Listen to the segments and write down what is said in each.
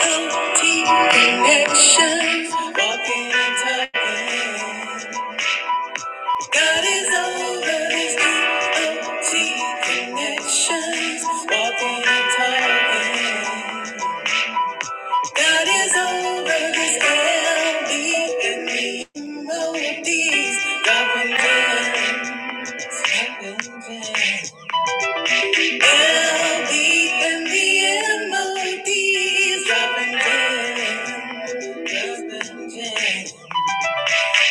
OT connections. Walking and talking. God is over this. OT connections. Walking and talking. God is over this. LB and me. Melodies. Governments. Heaven. LB and me. Melodies. Governments.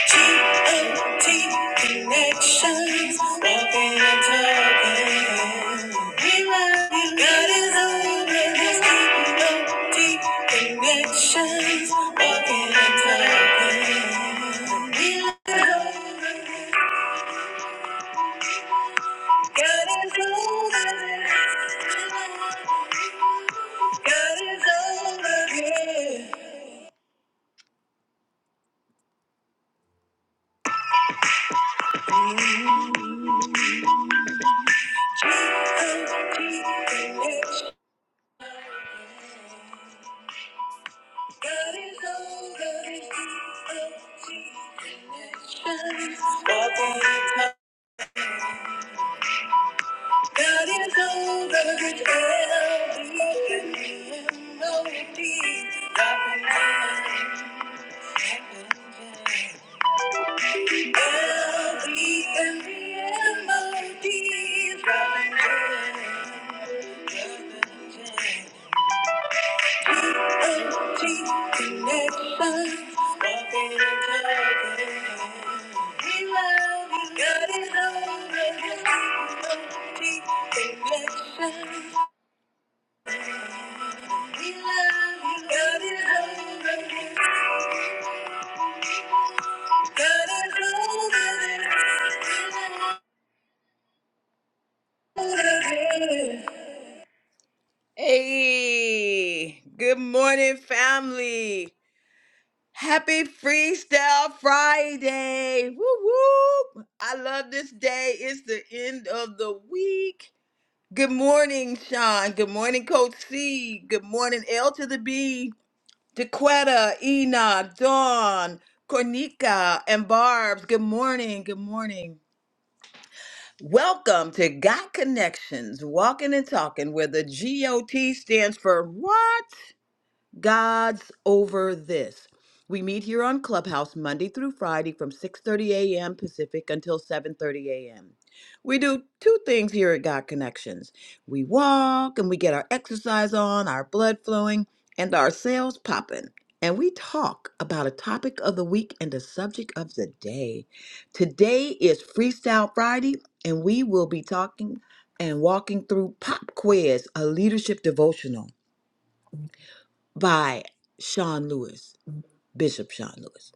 TNT connections, walking and talking. We love you. God is over this TNT connections, walking and talking. We love you. God is over this. God is over here. T N T connections. God is over the nations. God is over the elders and melodies. Melodies and the melodies. Empty connections, nothing in common. We love you, got it all, Empty connections, we love you, got it all, Got it all, baby. Hey, good morning, family. Happy Freestyle Friday! Woo woo! I love this day. It's the end of the week. Good morning, Sean. Good morning, Coach C. Good morning, L to the B, DeQuetta, Ena, Dawn, Cornica, and Barb's. Good morning. Good morning. Welcome to Got Connections, walking and talking, where the GOT stands for what? God's over this. We meet here on Clubhouse Monday through Friday from 6:30 a.m. Pacific until 7:30 a.m. We do two things here at God Connections. We walk and we get our exercise on, our blood flowing, and our cells popping. And we talk about a topic of the week and a subject of the day. Today is Freestyle Friday, and we will be talking and walking through Pop Quiz, a leadership devotional by Sean Lewis, Bishop Sean Lewis.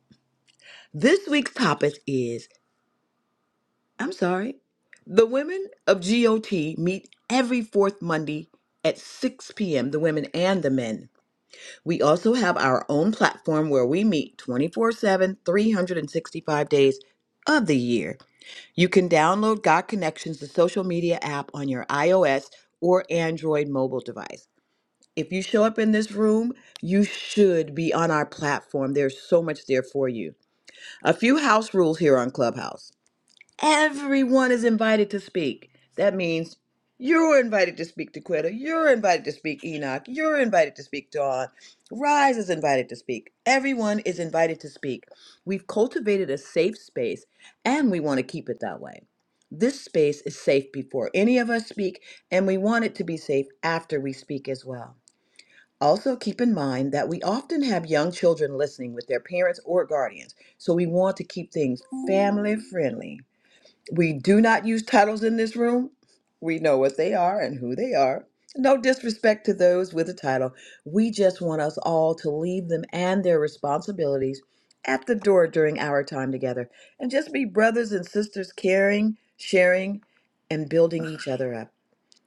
This week's topic is I'm sorry, the women of GOT meet every fourth Monday at 6 p.m., the women and the men. We also have our own platform where we meet 24 7, 365 days of the year. You can download God Connections, the social media app, on your iOS or Android mobile device. If you show up in this room, you should be on our platform. There's so much there for you. A few house rules here on Clubhouse. Everyone is invited to speak. That means you're invited to speak to Quetta. You're invited to speak Enoch. You're invited to speak Dawn. Rise is invited to speak. Everyone is invited to speak. We've cultivated a safe space and we want to keep it that way. This space is safe before any of us speak, and we want it to be safe after we speak as well. Also, keep in mind that we often have young children listening with their parents or guardians, so we want to keep things family friendly. We do not use titles in this room. We know what they are and who they are. No disrespect to those with a title. We just want us all to leave them and their responsibilities at the door during our time together and just be brothers and sisters, caring, sharing, and building each other up.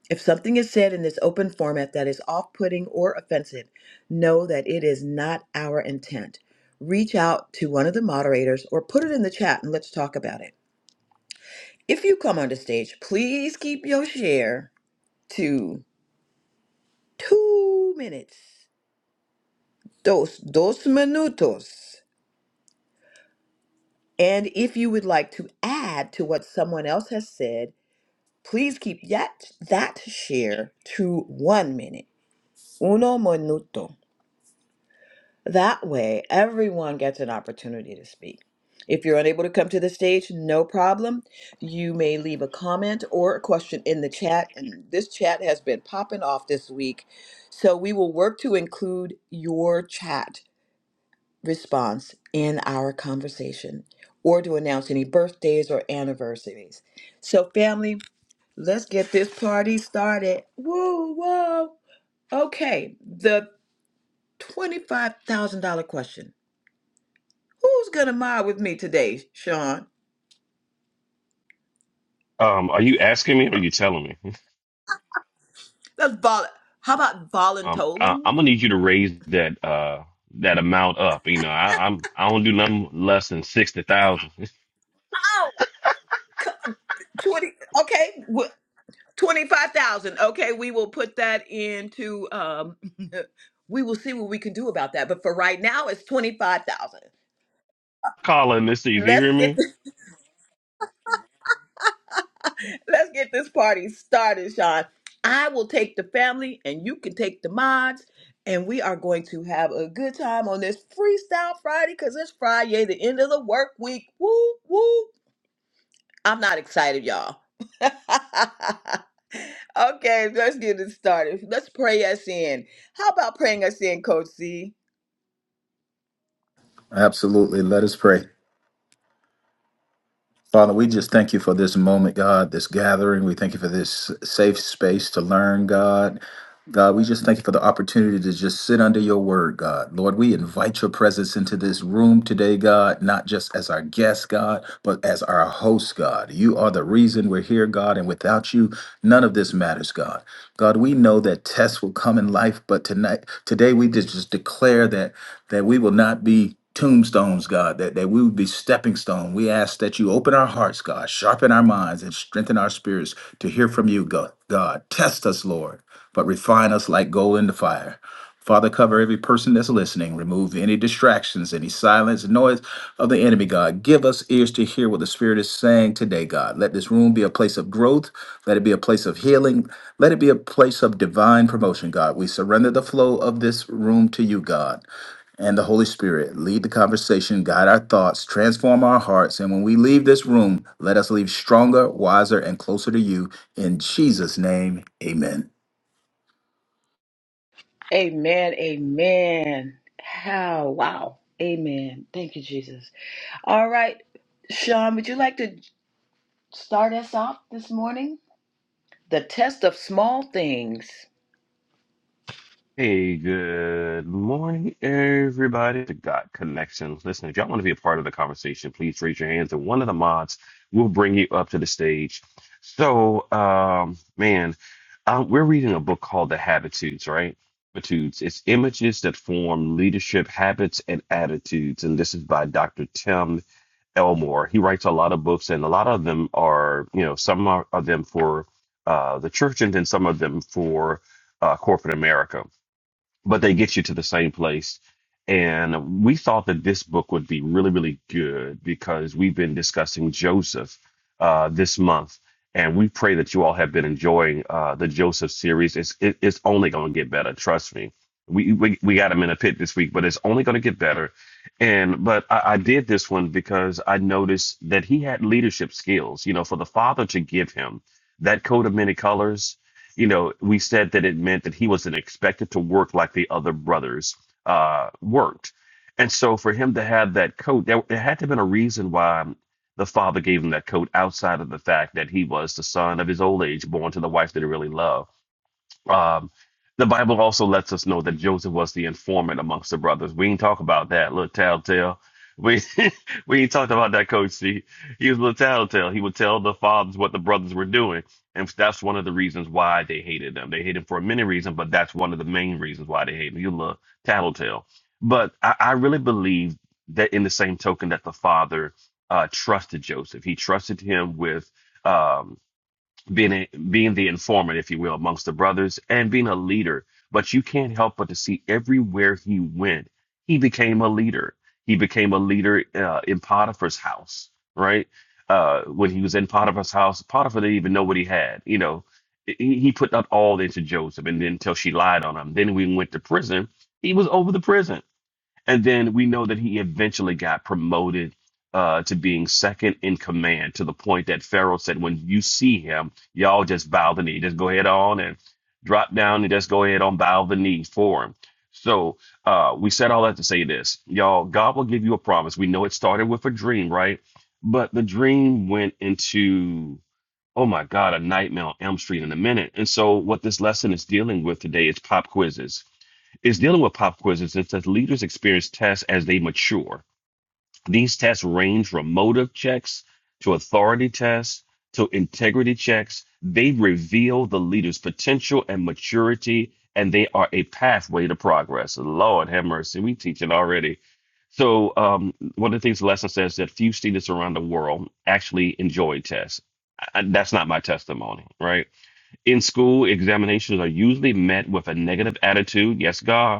If something is said in this open format that is off putting or offensive, know that it is not our intent. Reach out to one of the moderators or put it in the chat and let's talk about it. If you come onto stage, please keep your share to two minutes. Dos, dos minutos. And if you would like to add to what someone else has said, please keep that, that share to one minute. Uno minuto. That way, everyone gets an opportunity to speak. If you're unable to come to the stage, no problem. You may leave a comment or a question in the chat, and this chat has been popping off this week. So we will work to include your chat response in our conversation or to announce any birthdays or anniversaries. So, family, let's get this party started. Woo, whoa. Okay, the $25,000 question. Who's gonna mod with me today, Sean? Um, are you asking me or are you telling me? That's vol. How about Um, I, voluntoling I'm gonna you? need you to raise that uh that amount up. You know, I, I'm I don't do nothing less than sixty thousand. C- Twenty. Okay. Twenty-five thousand. Okay, we will put that into. Um, we will see what we can do about that. But for right now, it's twenty-five thousand. Calling this season, you Let's hear get me? let's get this party started, Sean. I will take the family, and you can take the mods, and we are going to have a good time on this Freestyle Friday because it's Friday, the end of the work week. Woo woo! I'm not excited, y'all. okay, let's get it started. Let's pray us in. How about praying us in, Coach C? Absolutely. Let us pray. Father, we just thank you for this moment, God, this gathering. We thank you for this safe space to learn, God. God, we just thank you for the opportunity to just sit under your word, God. Lord, we invite your presence into this room today, God, not just as our guest, God, but as our host, God. You are the reason we're here, God, and without you, none of this matters, God. God, we know that tests will come in life, but tonight, today we just, just declare that that we will not be tombstones, God, that, that we would be stepping stone. We ask that you open our hearts, God, sharpen our minds and strengthen our spirits to hear from you, God. God, test us, Lord but refine us like gold in the fire. Father, cover every person that's listening. Remove any distractions, any silence, noise of the enemy, God. Give us ears to hear what the Spirit is saying today, God. Let this room be a place of growth. Let it be a place of healing. Let it be a place of divine promotion, God. We surrender the flow of this room to you, God and the Holy Spirit. Lead the conversation, guide our thoughts, transform our hearts. And when we leave this room, let us leave stronger, wiser, and closer to you. In Jesus' name, amen. Amen. Amen. How? Wow. Amen. Thank you, Jesus. All right, Sean, would you like to start us off this morning? The test of small things. Hey, good morning, everybody. The God Connection. Listen, if y'all want to be a part of the conversation, please raise your hands, and one of the mods will bring you up to the stage. So, um, man, um, we're reading a book called The Habitudes, right? Habitudes. It's images that form leadership habits and attitudes, and this is by Dr. Tim Elmore. He writes a lot of books, and a lot of them are, you know, some are, are them for uh, the church, and then some of them for uh, corporate America but they get you to the same place. And we thought that this book would be really, really good because we've been discussing Joseph uh, this month. And we pray that you all have been enjoying uh, the Joseph series. It's, it, it's only going to get better. Trust me. We, we, we got him in a pit this week, but it's only going to get better. And, but I, I did this one because I noticed that he had leadership skills, you know, for the father to give him that coat of many colors you know, we said that it meant that he wasn't expected to work like the other brothers uh, worked. And so for him to have that coat, there, there had to have been a reason why the father gave him that coat outside of the fact that he was the son of his old age, born to the wife that he really loved um, the Bible also lets us know that Joseph was the informant amongst the brothers. We ain't talk about that little tattletale. We we ain't talked about that, Coach. C. He was a little telltale. He would tell the fathers what the brothers were doing, and that's one of the reasons why they hated them. They hated him for many reasons, but that's one of the main reasons why they hated him. You little tattletale. But I, I really believe that in the same token that the father uh, trusted Joseph, he trusted him with. Um, being a, being the informant, if you will, amongst the brothers and being a leader. But you can't help but to see everywhere he went, he became a leader. He became a leader uh, in Potiphar's house, right? Uh, when he was in Potiphar's house, Potiphar didn't even know what he had. You know, he, he put that all into Joseph, and then until she lied on him. Then when he went to prison, he was over the prison and then we know that he eventually got promoted uh, to being second in command to the point that Pharaoh said, when you see him, y'all just bow the knee. Just go ahead on and drop down and just go ahead on bow the knee for him. So uh, we said all that to say this. Y'all, God will give you a promise. We know it started with a dream, right? But the dream went into, oh my God, a nightmare on Elm Street in a minute. And so what this lesson is dealing with today is pop quizzes it's dealing with pop quizzes. It says leaders experience tests as they mature. These tests range from motive checks to authority tests to integrity checks. They reveal the leader's potential and maturity, and they are a pathway to progress. Lord have mercy, we teach it already. So, um, one of the things the lesson says that few students around the world actually enjoy tests. I- that's not my testimony, right? In school, examinations are usually met with a negative attitude. Yes, God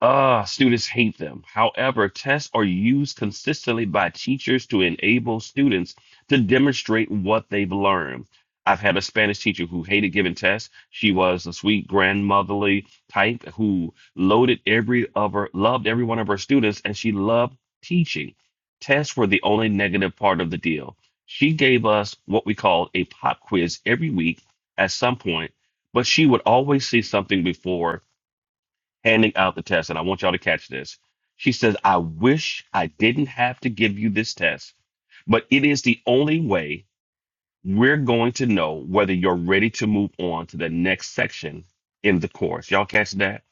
Ah, students hate them. However, tests are used consistently by teachers to enable students to demonstrate what they've learned. I've had a Spanish teacher who hated giving tests. She was a sweet grandmotherly type who loaded every of her, loved every one of her students, and she loved teaching. Tests were the only negative part of the deal. She gave us what we called a pop quiz every week at some point, but she would always see something before handing out the test, and I want y'all to catch this. She says, I wish I didn't have to give you this test, but it is the only way we're going to know whether you're ready to move on to the next section in the course. Y'all catch that?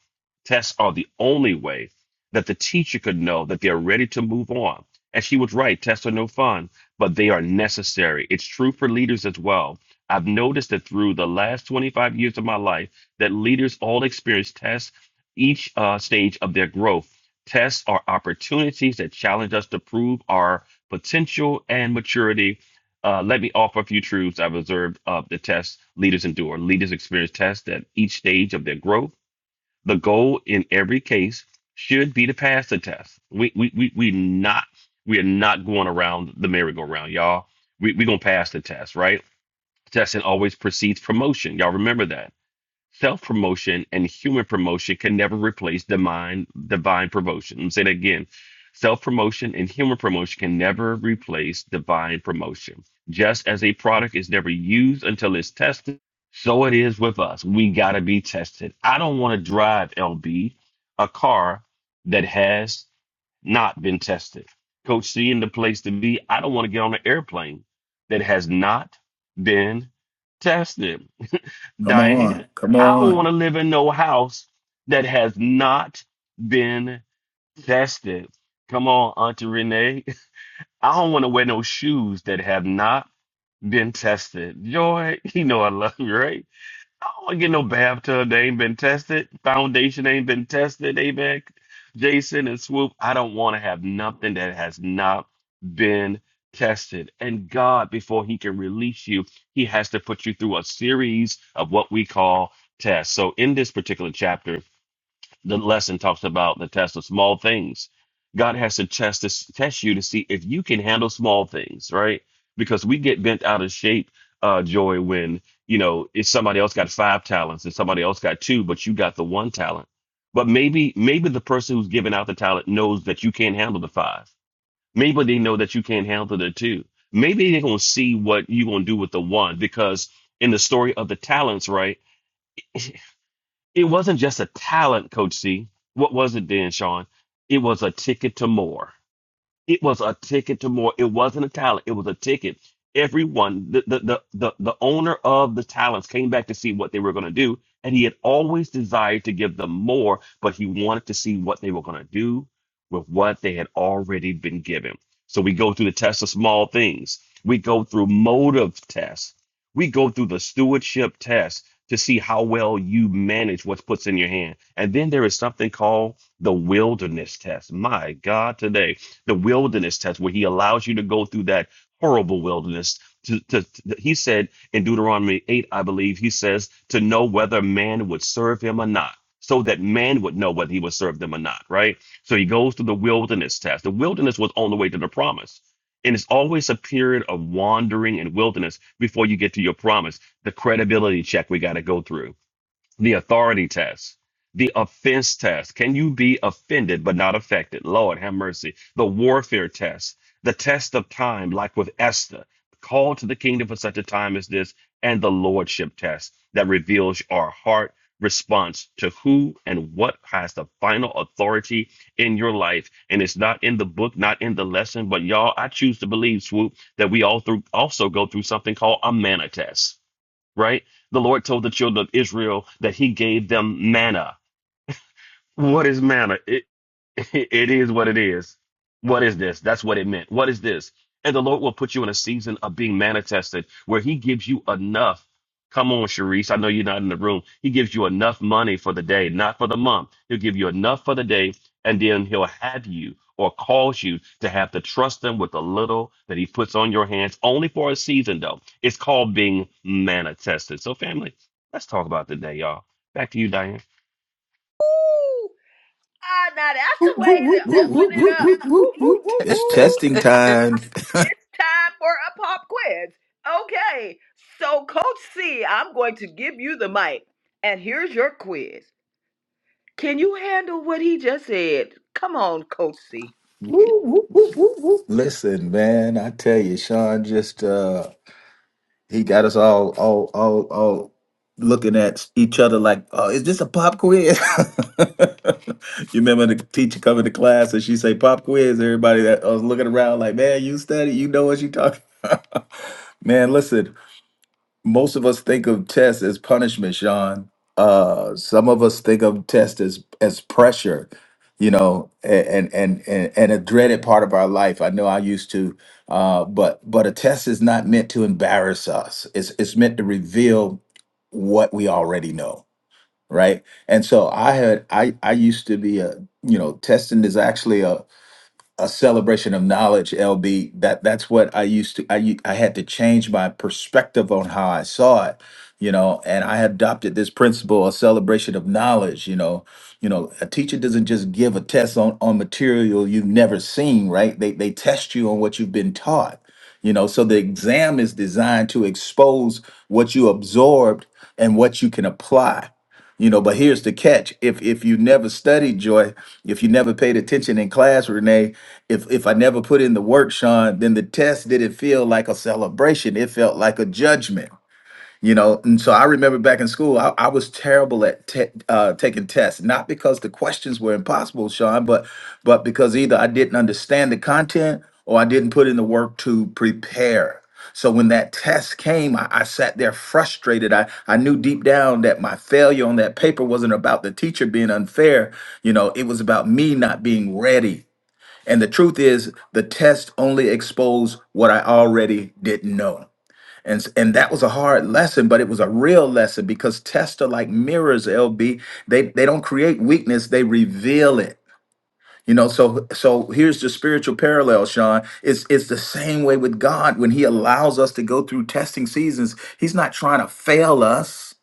Tests are the only way that the teacher could know that they're ready to move on. And she was right, tests are no fun, but they are necessary. It's true for leaders as well. I've noticed that through the last 25 years of my life, that leaders all experience tests each uh, stage of their growth. Tests are opportunities that challenge us to prove our potential and maturity uh, let me offer a few truths I've observed of the tests leaders endure. Leaders experience tests at each stage of their growth. The goal in every case should be to pass the test. We we we we not we are not going around the merry-go-round, y'all. We we gonna pass the test, right? Testing always precedes promotion. Y'all remember that. Self promotion and human promotion can never replace divine divine promotion. Let me say that again. Self promotion and human promotion can never replace divine promotion. Just as a product is never used until it's tested, so it is with us. We gotta be tested. I don't want to drive LB a car that has not been tested. Coach C in the place to be. I don't want to get on an airplane that has not been tested. Come on. Diane, Come I don't on. want to live in no house that has not been tested. Come on, Auntie Renee. I don't want to wear no shoes that have not been tested. Joy, you know I love you, right? I don't want to get no bathtub. They ain't been tested. Foundation ain't been tested. Amen. Jason and Swoop. I don't want to have nothing that has not been tested. And God, before He can release you, He has to put you through a series of what we call tests. So in this particular chapter, the lesson talks about the test of small things. God has to test to test you to see if you can handle small things, right? Because we get bent out of shape, uh, Joy, when you know if somebody else got five talents and somebody else got two, but you got the one talent. But maybe maybe the person who's giving out the talent knows that you can't handle the five. Maybe they know that you can't handle the two. Maybe they're gonna see what you're gonna do with the one because in the story of the talents, right? It wasn't just a talent, Coach C. What was it then, Sean? It was a ticket to more. It was a ticket to more. It wasn't a talent. It was a ticket. Everyone, the the the the, the owner of the talents came back to see what they were going to do, and he had always desired to give them more, but he wanted to see what they were going to do with what they had already been given. So we go through the test of small things. We go through motive tests. We go through the stewardship test to see how well you manage what's puts in your hand. And then there is something called the wilderness test. My God, today the wilderness test where he allows you to go through that horrible wilderness. To, to, to- he said in Deuteronomy 8, I believe, he says, to know whether man would serve him or not, so that man would know whether he would serve them or not, right? So he goes through the wilderness test. The wilderness was on the way to the promise. And it's always a period of wandering and wilderness before you get to your promise, the credibility check we got to go through the authority test, the offense test. Can you be offended but not affected? Lord, have mercy. The warfare test, the test of time, like with Esther, called to the kingdom for such a time as this, and the lordship test that reveals our heart response to who and what has the final authority in your life. And it's not in the book, not in the lesson, but y'all, I choose to believe, Swoop, that we all through also go through something called a manna test right? The Lord told the children of Israel that he gave them manna. What is manna? It, it is what it is. What is this? That's what it meant. What is this? And the Lord will put you in a season of being manna tested where He gives you enough. Come on, Sharice. I know you're not in the room. He gives you enough money for the day, not for the month. He'll give you enough for the day, and then He'll have you or cause you to have to trust Him with the little that He puts on your hands, only for a season, though. It's called being manna tested. So, family, let's talk about today, y'all. Back to you, Diane. Woo! Ah, now that's Whoop, the way whoop, whoop, to open whoop, it whoop, up. whoop, Woo, whoop, woo, whoop. woo, It's woo. testing time. It's time for a pop quiz. Okay, so Coach C, I'm going to give you the mic, and here's your quiz. Can you handle what he just said? Come on, Coach C. Whoop, whoop, whoop, whoop, whoop. Listen, man, I tell you, Sean just uh he got us all all all all looking at each other like, oh, is this a pop quiz? you remember the teacher coming to class and she say pop quiz, everybody that I was looking around like, man, you study, you know what you talking about. Man, listen. most of us think of tests as punishment, Sean. Uh, some of us think of tests as as pressure, you know, a- and and and and a dreaded part of our life. I know I used to, uh, but but a test is not meant to embarrass us. It's it's meant to reveal what we already know, right? And so I had I I used to be a you know testing is actually a celebration of knowledge lb that that's what i used to i u- i had to change my perspective on how i saw it you know and i adopted this principle a celebration of knowledge you know you know a teacher doesn't just give a test on on material you've never seen right they they test you on what you've been taught you know so the exam is designed to expose what you absorbed and what you can apply you know, but here's the catch. If if you never studied joy, if you never paid attention in class, Renee, if if I never put in the work, Sean, then the test didn't feel like a celebration. It felt like a judgment you know and so i remember back in school i, I was terrible at te- uh, taking tests not because the questions were impossible sean but but because either i didn't understand the content or i didn't put in the work to prepare so when that test came i, I sat there frustrated I, I knew deep down that my failure on that paper wasn't about the teacher being unfair you know it was about me not being ready and the truth is the test only exposed what i already didn't know and, s- and that was a hard lesson, but it was a real lesson because tests are like mirrors, LB. They they don't create weakness, they reveal it. You know, so so here's the spiritual parallel, Sean. It's it's the same way with God when He allows us to go through testing seasons. He's not trying to fail us.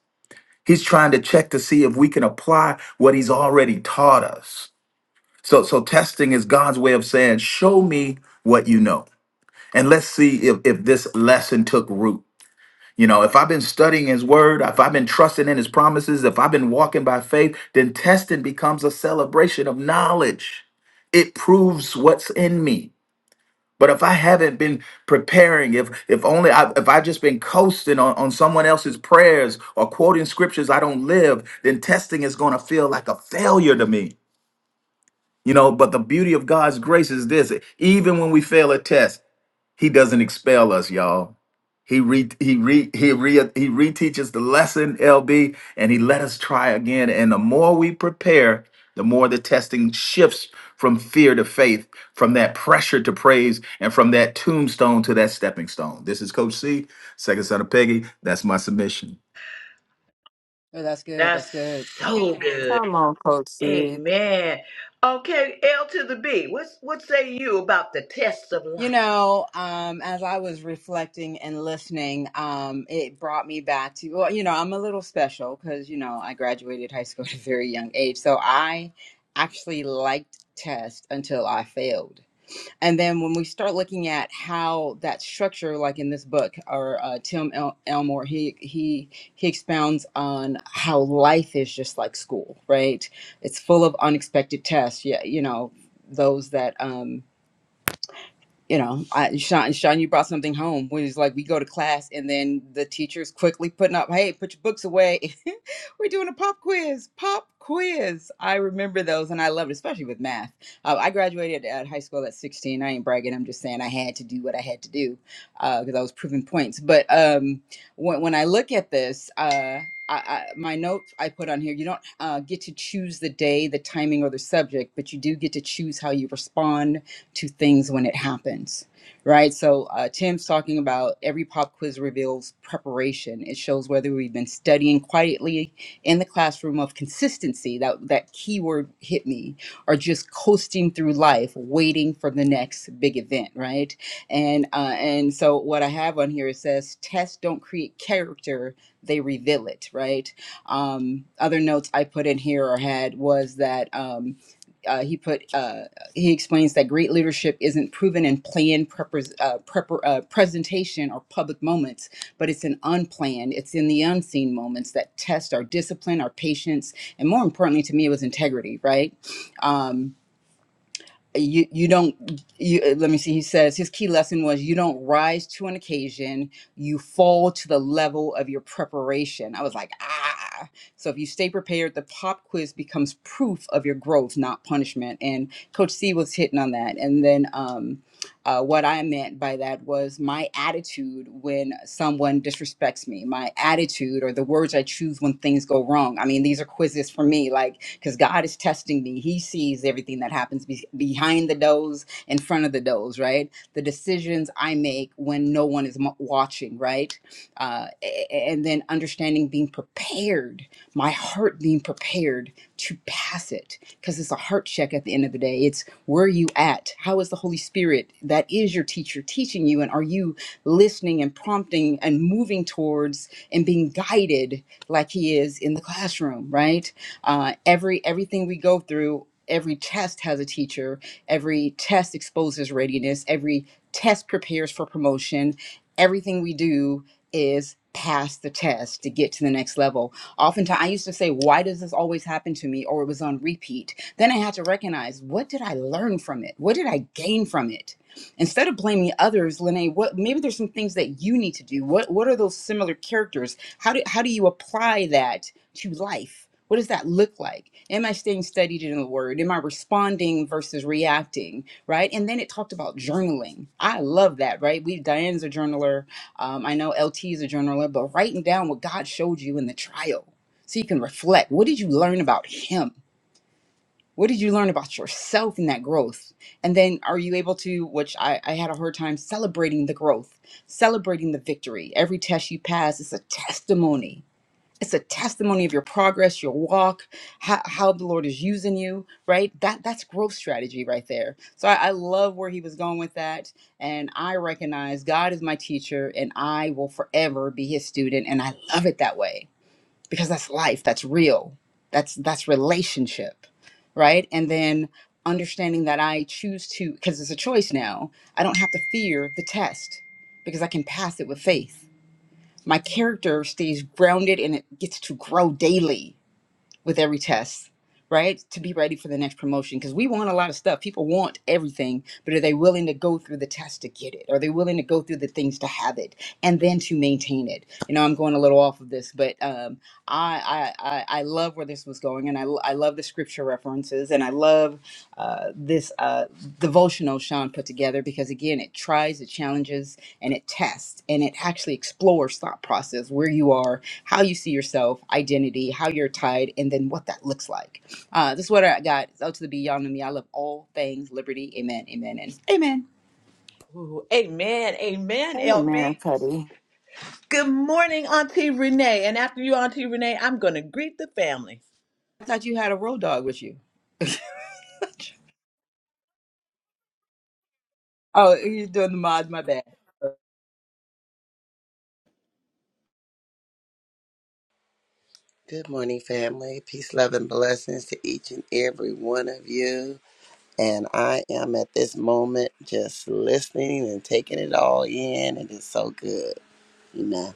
He's trying to check to see if we can apply what He's already taught us. So so testing is God's way of saying, show me what you know. And let's see if, if this lesson took root. You know, if I've been studying his word, if I've been trusting in his promises, if I've been walking by faith, then testing becomes a celebration of knowledge. It proves what's in me. But if I haven't been preparing, if if only I, if I've just been coasting on, on someone else's prayers or quoting scriptures I don't live, then testing is going to feel like a failure to me. You know, but the beauty of God's grace is this: even when we fail a test, He doesn't expel us, y'all. He re he re he re he reteaches the lesson, LB, and he let us try again. And the more we prepare, the more the testing shifts from fear to faith, from that pressure to praise, and from that tombstone to that stepping stone. This is Coach C, second son of Peggy. That's my submission. That's so good. Come on, Coach Sid. Amen. Okay, L to the B. What's what say you about the tests of life? Ooh, amen. Amen, Amen, LB. Cuddy. Good morning, Auntie Renee. And after you, Auntie Renee, I'm gonna greet the family. Good morning, family. Peace, love, and blessings to each and every one of you. And I am at this moment just listening and taking it all in. It is so good. you know.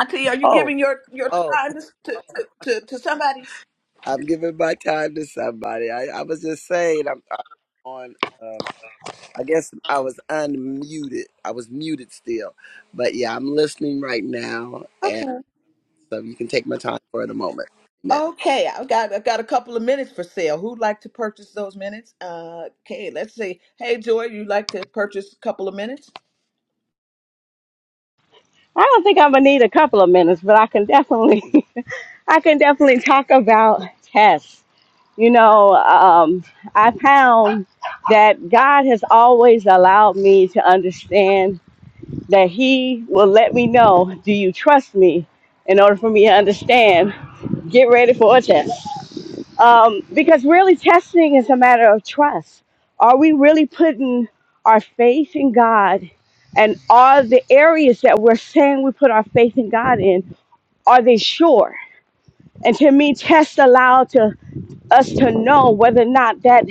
Auntie, are you Oh, giving your your oh, time to to, to, to somebody? I'm giving my time to somebody. I, I was just saying, I'm, I'm on, um, I guess I was unmuted. I was muted still. But yeah, I'm listening right now. And Okay. so you can take my time for the moment. Amen. Okay, I've got I've got a couple of minutes for sale. Who'd like to purchase those minutes? Uh, okay, let's see. Hey, Joy, you'd like to purchase a couple of minutes? I don't think I'm gonna need a couple of minutes, but I can definitely, I can definitely talk about tests. You know, um, I found that God has always allowed me to understand that He will let me know, do you trust me? In order for me to understand, get ready for a test um, because really testing is a matter of trust. Are we really putting our faith in God? And are the areas that we're saying we put our faith in God in, are they sure? And to me, tests allow to us to know whether or not that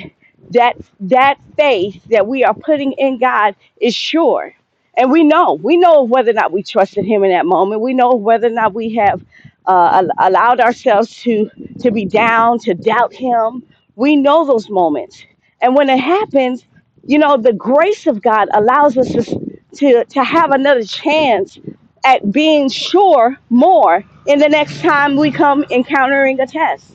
that that faith that we are putting in God is sure. And we know, we know whether or not we trusted Him in that moment. We know whether or not we have uh, al- allowed ourselves to to be down, to doubt Him. We know those moments, and when it happens, you know, the grace of God allows us to to, to have another chance at being sure more in the next time we come encountering a test.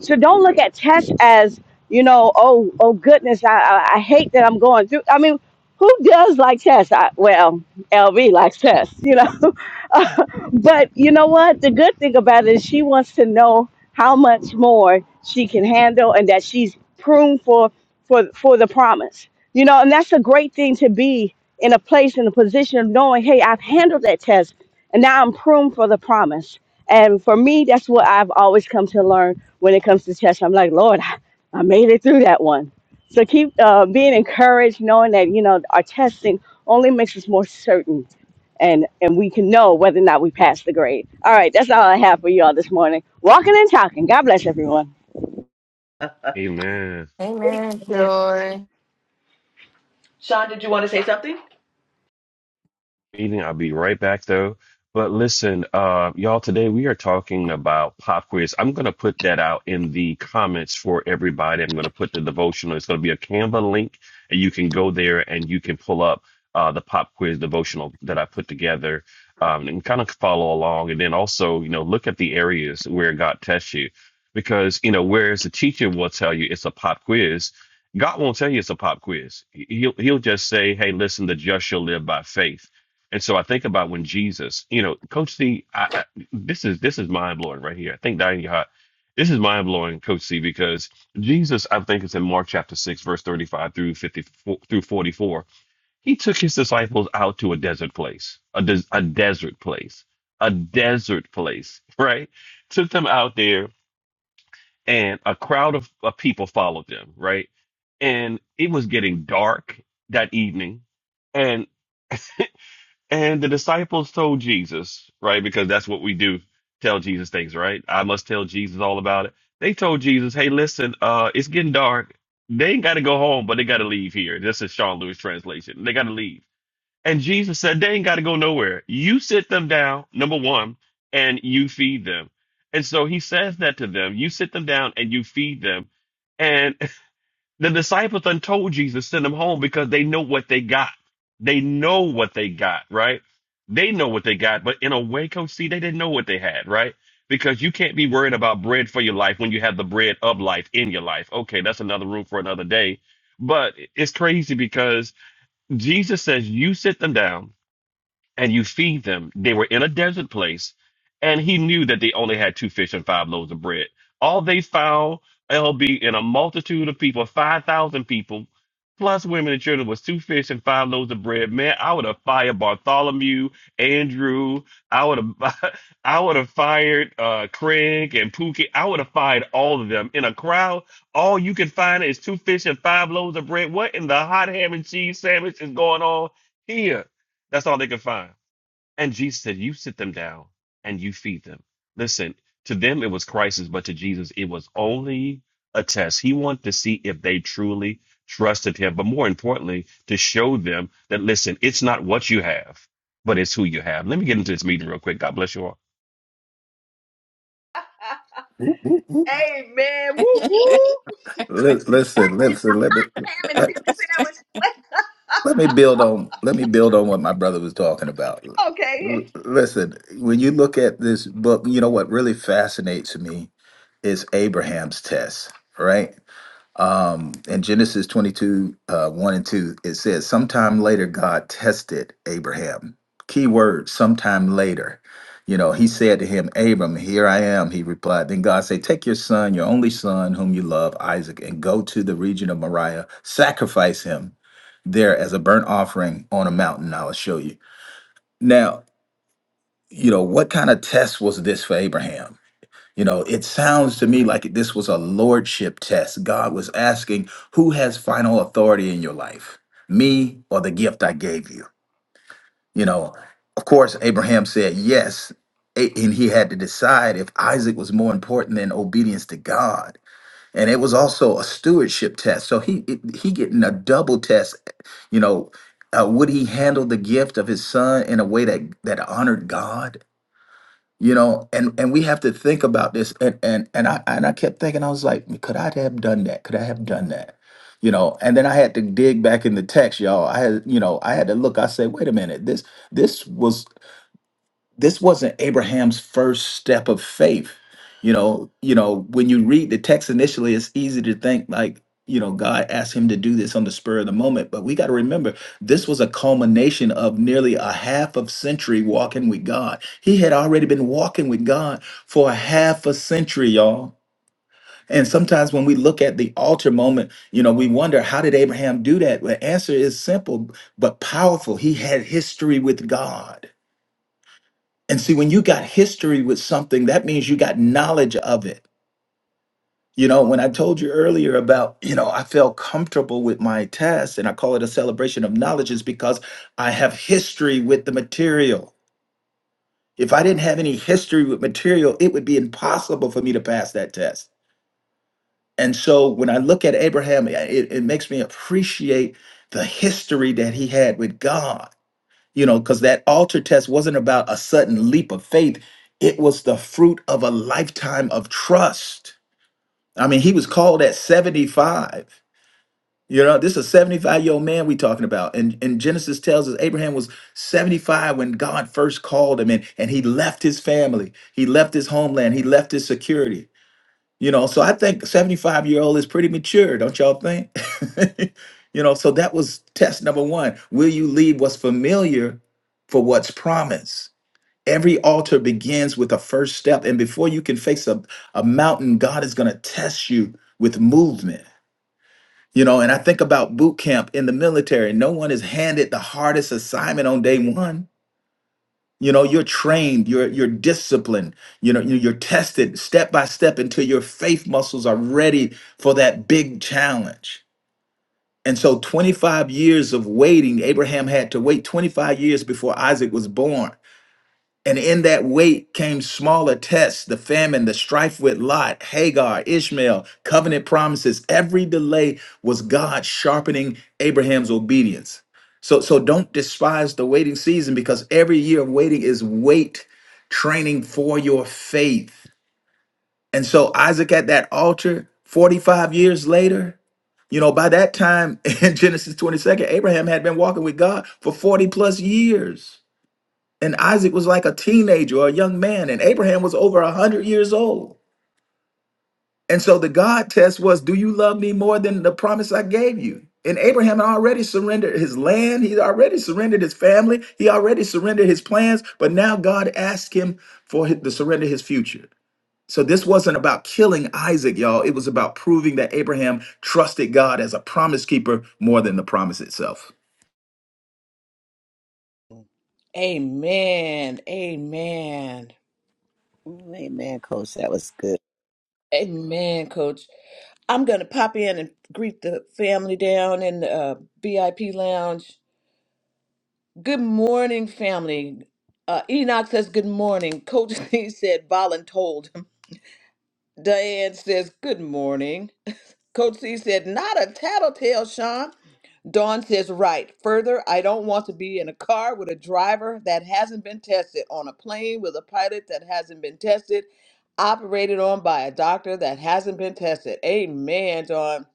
So don't look at test as, you know, oh, oh goodness, I, I, I hate that I'm going through. I mean, who does like test? I, well, LB likes test, you know. but you know what? The good thing about it is she wants to know how much more she can handle and that she's pruned for for for the promise. You know, and that's a great thing to be in a place in a position of knowing, hey, I've handled that test and now I'm pruned for the promise. And for me, that's what I've always come to learn when it comes to church. I'm like, Lord, I I made it through that one. So keep uh, being encouraged, knowing that you know our testing only makes us more certain, and and we can know whether or not we passed the grade. All right, that's all I have for you all this morning. Walking and talking. God bless everyone. Amen. Amen. Amen, Joy. Sean, did you want to say something? meeting. I'll be right back though. But listen, uh, y'all, today we are talking about pop quiz. I'm going to put that out in the comments for everybody. I'm going to put the devotional. It's going to be a Canva link, and you can go there and you can pull up uh, the pop quiz devotional that I put together um, and kind of follow along. And then also, you know, look at the areas where God tests you because, you know, whereas the teacher will tell you it's a pop quiz, God won't tell you it's a pop quiz. He- He'll, he'll just say, hey, listen, the just shall live by faith and so I think about when Jesus, you know, Coach C, I, I, this is this is mind blowing right here. I think Diane Yahat, this is mind blowing, Coach C, because Jesus, I think it's in Mark chapter six, verse thirty five through fifty four through forty four. He took his disciples out to a desert place, a des- a desert place, a desert place, right? Took them out there, and a crowd of, of people followed them, right? And it was getting dark that evening and the disciples told Jesus, right? Because that's what we do. Tell Jesus things, right? I must tell Jesus all about it. They told Jesus, hey, listen, uh, it's getting dark. They ain't got to go home, but they got to leave here. This is Sean Lewis translation. They got to leave. And Jesus said, they ain't got to go nowhere. You sit them down, number one, and you feed them. And so he says that to them. You sit them down and you feed them. and. The disciples done told Jesus send them home because they know what they got. They know what they got, right? They know what they got, but in a way, Coach C, they didn't know what they had, right? Because you can't be worried about bread for your life when you have the bread of life in your life. Okay, that's another room for another day. But it's crazy because Jesus says, You sit them down and you feed them. They were in a desert place, and he knew that they only had two fish and five loaves of bread. All they found, LB, in a multitude of people, 5,000 people, plus women and children, was two fish and five loaves of bread. Man, I would have fired Bartholomew, Andrew. I would have, I would have fired uh, Craig and Pookie. I would have fired all of them. In a crowd, all you can find is two fish and five loaves of bread. What in the hot ham and cheese sandwich is going on here? That's all they could find. And Jesus said, You sit them down and you feed them. Listen, to them it was crisis, but to Jesus it was only a test. He wanted to see if they truly trusted him, but more importantly, to show them that, listen, it's not what you have, but it's who you have. Let me get into this meeting real quick. God bless you all. Whoop, whoop. Amen. Woo woo. Let, listen, listen, let me Ham and let, cheese sandwich. let me build on let me build on what my brother was talking about. L- okay. Listen, when you look at this book, you know what really fascinates me is Abraham's test, right? In Genesis 22, uh, 1 and 2, it says, Sometime later, God tested Abraham. Key word, sometime later. You know, he said to him, Abram, here I am. He replied. Then God said, Take your son, your only son, whom you love, Isaac, and go to the region of Moriah, sacrifice him there as a burnt offering on a mountain. I will show you. Now, you know, what kind of test was this for Abraham? You know, it sounds to me like this was a lordship test. God was asking, who has final authority in your life, me or the gift I gave you? You know, of course, Abraham said yes, a- and he had to decide if Isaac was more important than obedience to God. And it was also a stewardship test. So he it- he getting a double test. You know, uh, would he handle the gift of his son in a way that that honored God? you know and and we have to think about this and and and i and i kept thinking i was like could i have done that could i have done that you know and then i had to dig back in the text y'all i had you know i had to look i said wait a minute this this was this wasn't Abraham's first step of faith. You know, you know, when you read the text initially, it's easy to think like, you know, God asked him to do this on the spur of the moment. But we got to remember, this was a culmination of nearly a half of century walking with God. He had already been walking with God for a half a century, y'all. And sometimes when we look at the altar moment, you know, we wonder, how did Abraham do that? Well, The answer is simple but powerful. He had history with God. And see, when you got history with something, that means you got knowledge of it. You know, when I told you earlier about, you know, I felt comfortable with my test and I call it a celebration of knowledge is because I have history with the material. If I didn't have any history with material, it would be impossible for me to pass that test. And so when I look at Abraham, it, it makes me appreciate the history that he had with God you know, because that altar test wasn't about a sudden leap of faith. It was the fruit of a lifetime of trust. I mean, he was called at 75. You know, this is a 75 year old man we talking about. And, and Genesis tells us Abraham was 75 when God first called him, and, and he left his family, he left his homeland, he left his security. You know, so I think a 75 year old is pretty mature, don't y'all think? you know, so that was test number one. Will you leave what's familiar for what's promised? Every altar begins with a first step. And before you can face a, a mountain, God is going to test you with movement. You know, and I think about boot camp in the military. No one is handed the hardest assignment on day one you know you're trained you're you're disciplined you know you- you're tested step by step until your faith muscles are ready for that big challenge and so 25 years of waiting abraham had to wait 25 years before isaac was born and in that wait came smaller tests, the famine, the strife with Lot, Hagar, Ishmael, covenant promises. Every delay was God sharpening Abraham's obedience. So, so don't despise the waiting season because every year of waiting is weight training for your faith. And so Isaac at that altar, 45 years later, you know, by that time in Genesis 22nd, Abraham had been walking with God for 40 plus years and Isaac was like a teenager or a young man, and Abraham was over a hundred years old. And so the God test was, do you love me more than the promise I gave you? And Abraham had already surrendered his land. He already surrendered his family. He already surrendered his plans. But now God asked him for hi- to surrender his future. So this wasn't about killing Isaac, y'all. It was about proving that Abraham trusted God as a promise keeper more than the promise itself. Amen. Amen. Ooh, amen, Coach. That was good. Amen, coach. I'm going to pop in and greet the family down in the uh, VIP lounge. Good morning, family. Uh, Enoch says good morning. Coach C said "Ballin told him. Diane says good morning. Coach C said not a tattletale, Sean. Dawn says, right. Further, I don't want to be in a car with a driver that hasn't been tested, on a plane with a pilot that hasn't been tested, operated on by a doctor that hasn't been tested. Amen, Dawn.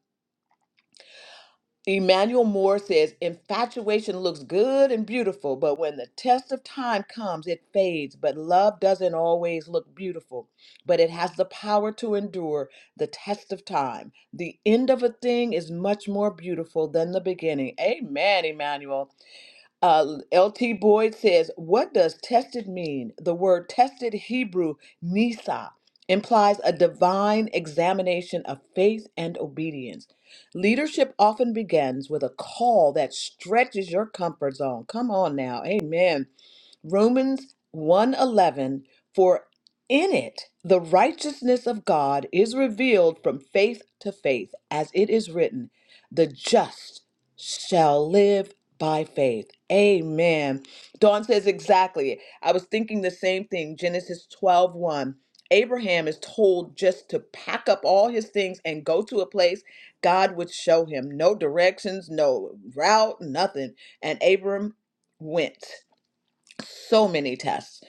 Emmanuel Moore says, infatuation looks good and beautiful, but when the test of time comes, it fades. But love doesn't always look beautiful, but it has the power to endure the test of time. The end of a thing is much more beautiful than the beginning. Amen, Emmanuel. Uh, LT Boyd says, What does tested mean? The word tested Hebrew, nisa, implies a divine examination of faith and obedience. Leadership often begins with a call that stretches your comfort zone. Come on now. Amen Romans one eleven for in it the righteousness of God is revealed from faith to faith as it is written the just shall live by faith. Amen. Dawn says exactly. I was thinking the same thing. Genesis twelve one Abraham is told just to pack up all his things and go to a place God would show him. No directions, no route, nothing. And Abram went so many tests.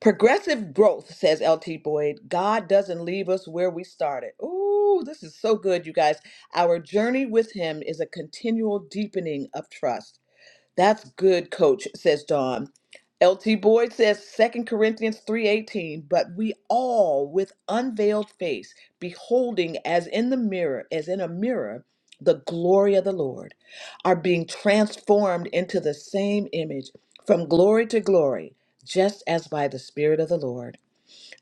Progressive growth, says LT Boyd. God doesn't leave us where we started. Ooh, this is so good, you guys. Our journey with Him is a continual deepening of trust. That's good, coach, says Don. LT Boyd says Second Corinthians 3:18, but we all with unveiled face beholding as in the mirror, as in a mirror, the glory of the Lord, are being transformed into the same image from glory to glory, just as by the spirit of the Lord.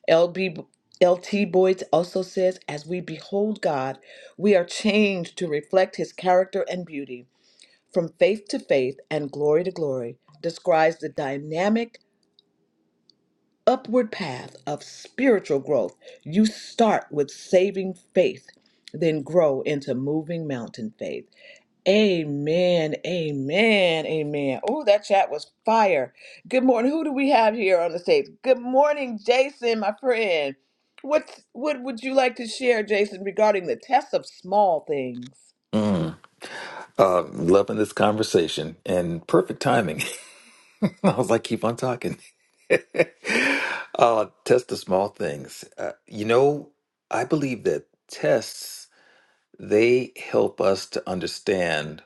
LB LT Boyd also says as we behold God, we are changed to reflect his character and beauty from Faith to Faith and Glory to Glory describes the dynamic upward path of spiritual growth. You start with saving faith, then grow into moving mountain faith. Amen, amen, amen. Oh, that chat was fire. Good morning. Who do we have here on the stage? Good morning, Jason, my friend. What's, what would you like to share, Jason, regarding the test of small things? Mm. Uh, loving this conversation and perfect timing. I was like, keep on talking. uh, test the small things. Uh, you know, I believe that tests they help us to understand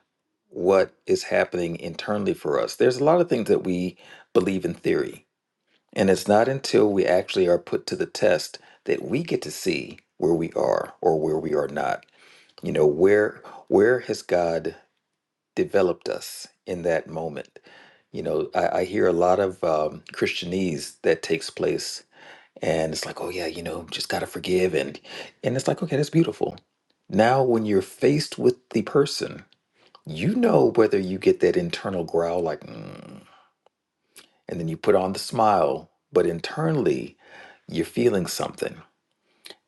what is happening internally for us. There's a lot of things that we believe in theory, and it's not until we actually are put to the test that we get to see where we are or where we are not. You know, where where has God developed us in that moment. You know, I, I hear a lot of um, Christianese that takes place, and it's like, oh yeah, you know, just gotta forgive, and and it's like, okay, that's beautiful. Now, when you're faced with the person, you know whether you get that internal growl like, mm, and then you put on the smile, but internally, you're feeling something.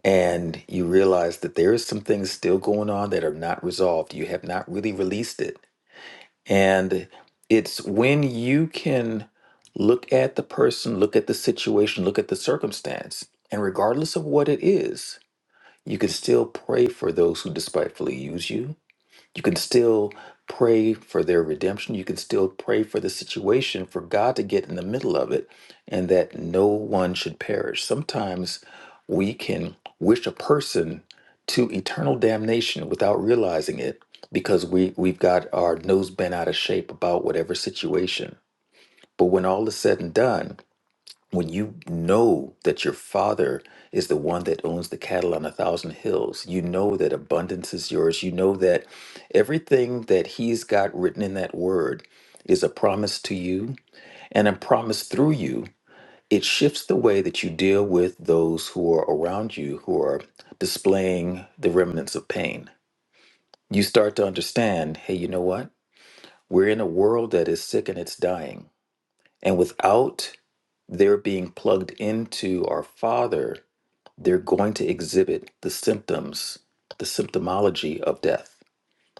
And you realize that there is some things still going on that are not resolved. You have not really released it and it's when you can look at the person, look at the situation, look at the circumstance, and regardless of what it is, you can still pray for those who despitefully use you you can still pray for their redemption. You can still pray for the situation, for God to get in the middle of it, and that no one should perish. Sometimes we can wish a person to eternal damnation without realizing it because we, we've got our nose bent out of shape about whatever situation. But when all is said and done, when you know that your father is the one that owns the cattle on a thousand hills, you know that abundance is yours, you know that everything that he's got written in that word is a promise to you and a promise through you, it shifts the way that you deal with those who are around you who are displaying the remnants of pain. You start to understand hey, you know what? We're in a world that is sick and it's dying. And without their being plugged into our Father, they're going to exhibit the symptoms, the symptomology of death.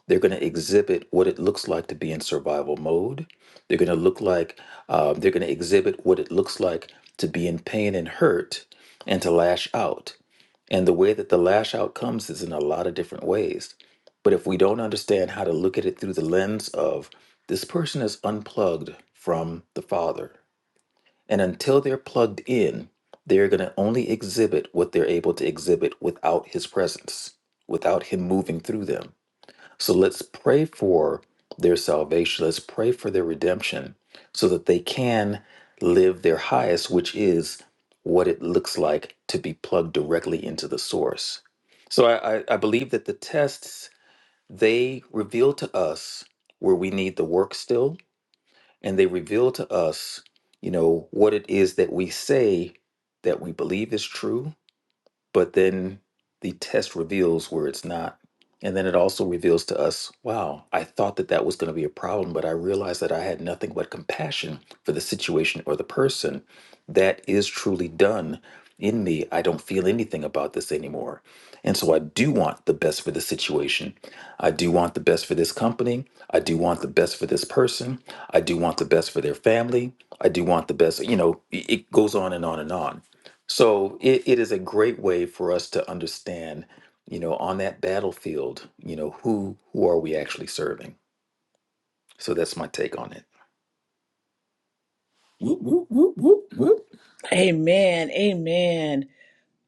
They're going to exhibit what it looks like to be in survival mode. They're going to look like, uh, they're going to exhibit what it looks like to be in pain and hurt and to lash out. And the way that the lash out comes is in a lot of different ways. But if we don't understand how to look at it through the lens of this person is unplugged from the Father, and until they're plugged in, they're going to only exhibit what they're able to exhibit without his presence, without him moving through them. So let's pray for their salvation. Let's pray for their redemption so that they can live their highest, which is what it looks like to be plugged directly into the source. So I, I, I believe that the tests, they reveal to us where we need the work still and they reveal to us, you know, what it is that we say that we believe is true, but then the test reveals where it's not. And then it also reveals to us, wow, I thought that that was going to be a problem, but I realized that I had nothing but compassion for the situation or the person. That is truly done in me. I don't feel anything about this anymore. And so I do want the best for the situation. I do want the best for this company. I do want the best for this person. I do want the best for their family. I do want the best, you know, it it goes on and on and on so it, it is a great way for us to understand, you know, on that battlefield, you know, who who are we actually serving? So that's my take on it. Whoop, whoop, whoop, whoop, whoop. Amen, amen.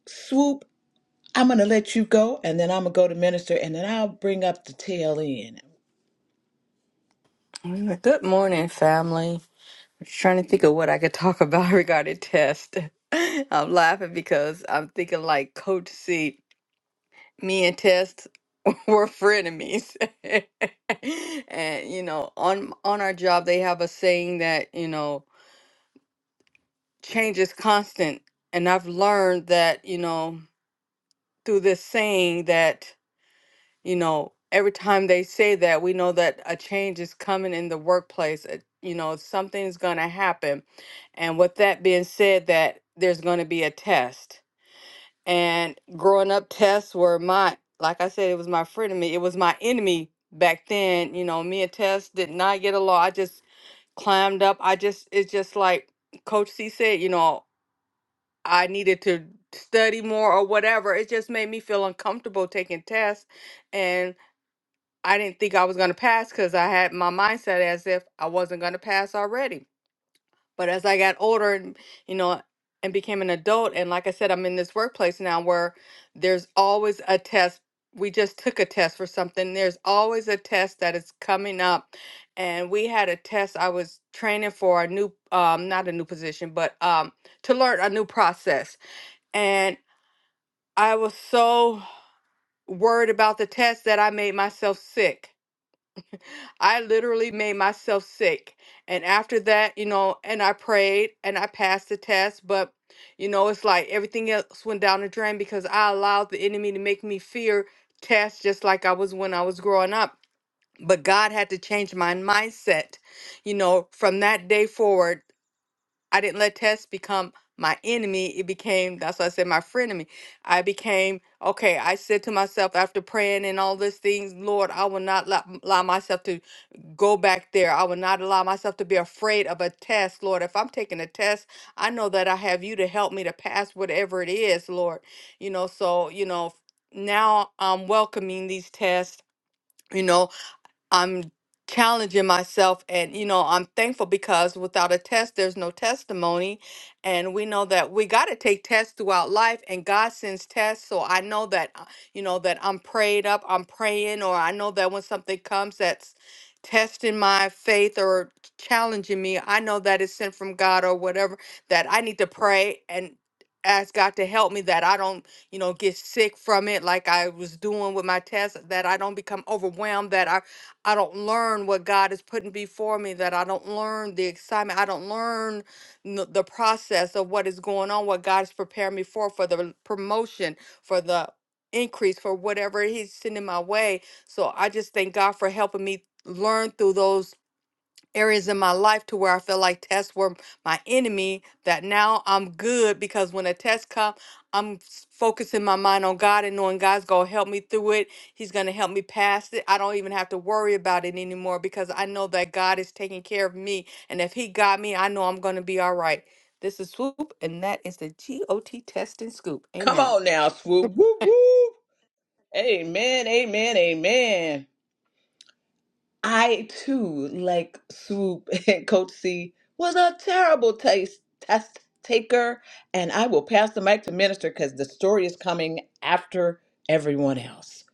Swoop I'm going to let you go, and then I'm going to go to minister, and then I'll bring up the tail end. Amen. Good morning, family. I'm Trying to think of what I could talk about regarding test. I'm laughing because I'm thinking like Coach C. Me and Test were frenemies, and you know, on on our job they have a saying that you know change is constant, and I've learned that you know through this saying that. you know, every time they say that, we know that a change is coming in the workplace. uh, You know, something's going to happen. And with that being said, that there's going to be a test. And growing up, tests were my, like I said, it was my frenemy. It was my enemy back then. You know, me and Tess did not get along. I just climbed up. I just, it's just like Coach C said, you know, I needed to study more or whatever. It just made me feel uncomfortable taking tests. And I didn't think I was going to pass because I had my mindset as if I wasn't going to pass already. But as I got older and, you know, and became an adult, and like I said, I'm in this workplace now where there's always a test. We just took a test for something. There's always a test that is coming up. And we had a test I was training for a new, um, not a new position, but um, to learn a new process. And I was so worried about the test that I made myself sick I literally made myself sick. And after that, you know, and I prayed and I passed the test, but you know, it's like everything else went down the drain because I allowed the enemy to make me fear tests just like I was when I was growing up. But God had to change my mindset. You know, from that day forward, I didn't let tests become my enemy. It became, that's why I said my frenemy. I became, okay, I said to myself after praying and all these things, Lord, I will not allow allow myself to go back there. I will not allow myself to be afraid of a test, Lord. If I'm taking a test, I know that I have you to help me to pass whatever it is, Lord. You know, so, you know, now I'm welcoming these tests. You know, I'm challenging myself and you know I'm thankful because without a test there's no testimony and we know that we got to take tests throughout life and God sends tests so I know that uh, you know that I'm prayed up I'm praying or I know that when something comes that's testing my faith or challenging me I know that it's sent from God or whatever that I need to pray and ask God to help me that I don't you know get sick from it like I was doing with my test that I don't become overwhelmed that I I don't learn what God is putting before me, that I don't learn the excitement, I don't learn n- the process of what is going on, what God is preparing me for, for the promotion, for the increase, for whatever He's sending my way. So I just thank God for helping me learn through those areas in my life to where I feel like tests were my enemy, that now I'm good because when a test comes, I'm s- focusing my mind on God and knowing God's going to help me through it. He's going to help me pass it. I don't even have to worry about it anymore because I know that God is taking care of me. And if He got me, I know I'm going to be all right. This is Swoop, and that is the GOT Test and Scoop. Come Amen. on now, swoop. Woo, woo. Amen, amen, amen. I too, like Swoop and Coach C, was a terrible taste test taker, and I will pass the mic to minister because the story is coming after everyone else.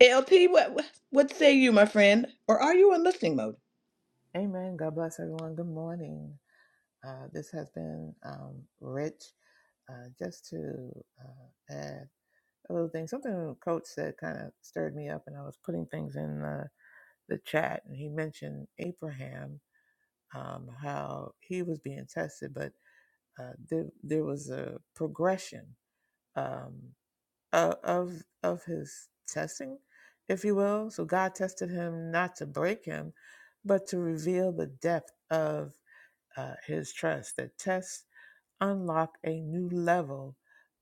LT, what what what say you, my friend? Or are you in listening mode? Amen. God bless everyone. Good morning. Uh, this has been um, rich. Uh, just to uh, add a little thing, something Coach said kind of stirred me up, and I was putting things in the, the chat, and he mentioned Abraham, um, how he was being tested, but uh, there, there was a progression um, of, of of his testing, if you will. So God tested him not to break him, but to reveal the depth of uh, his trust that tests unlock a new level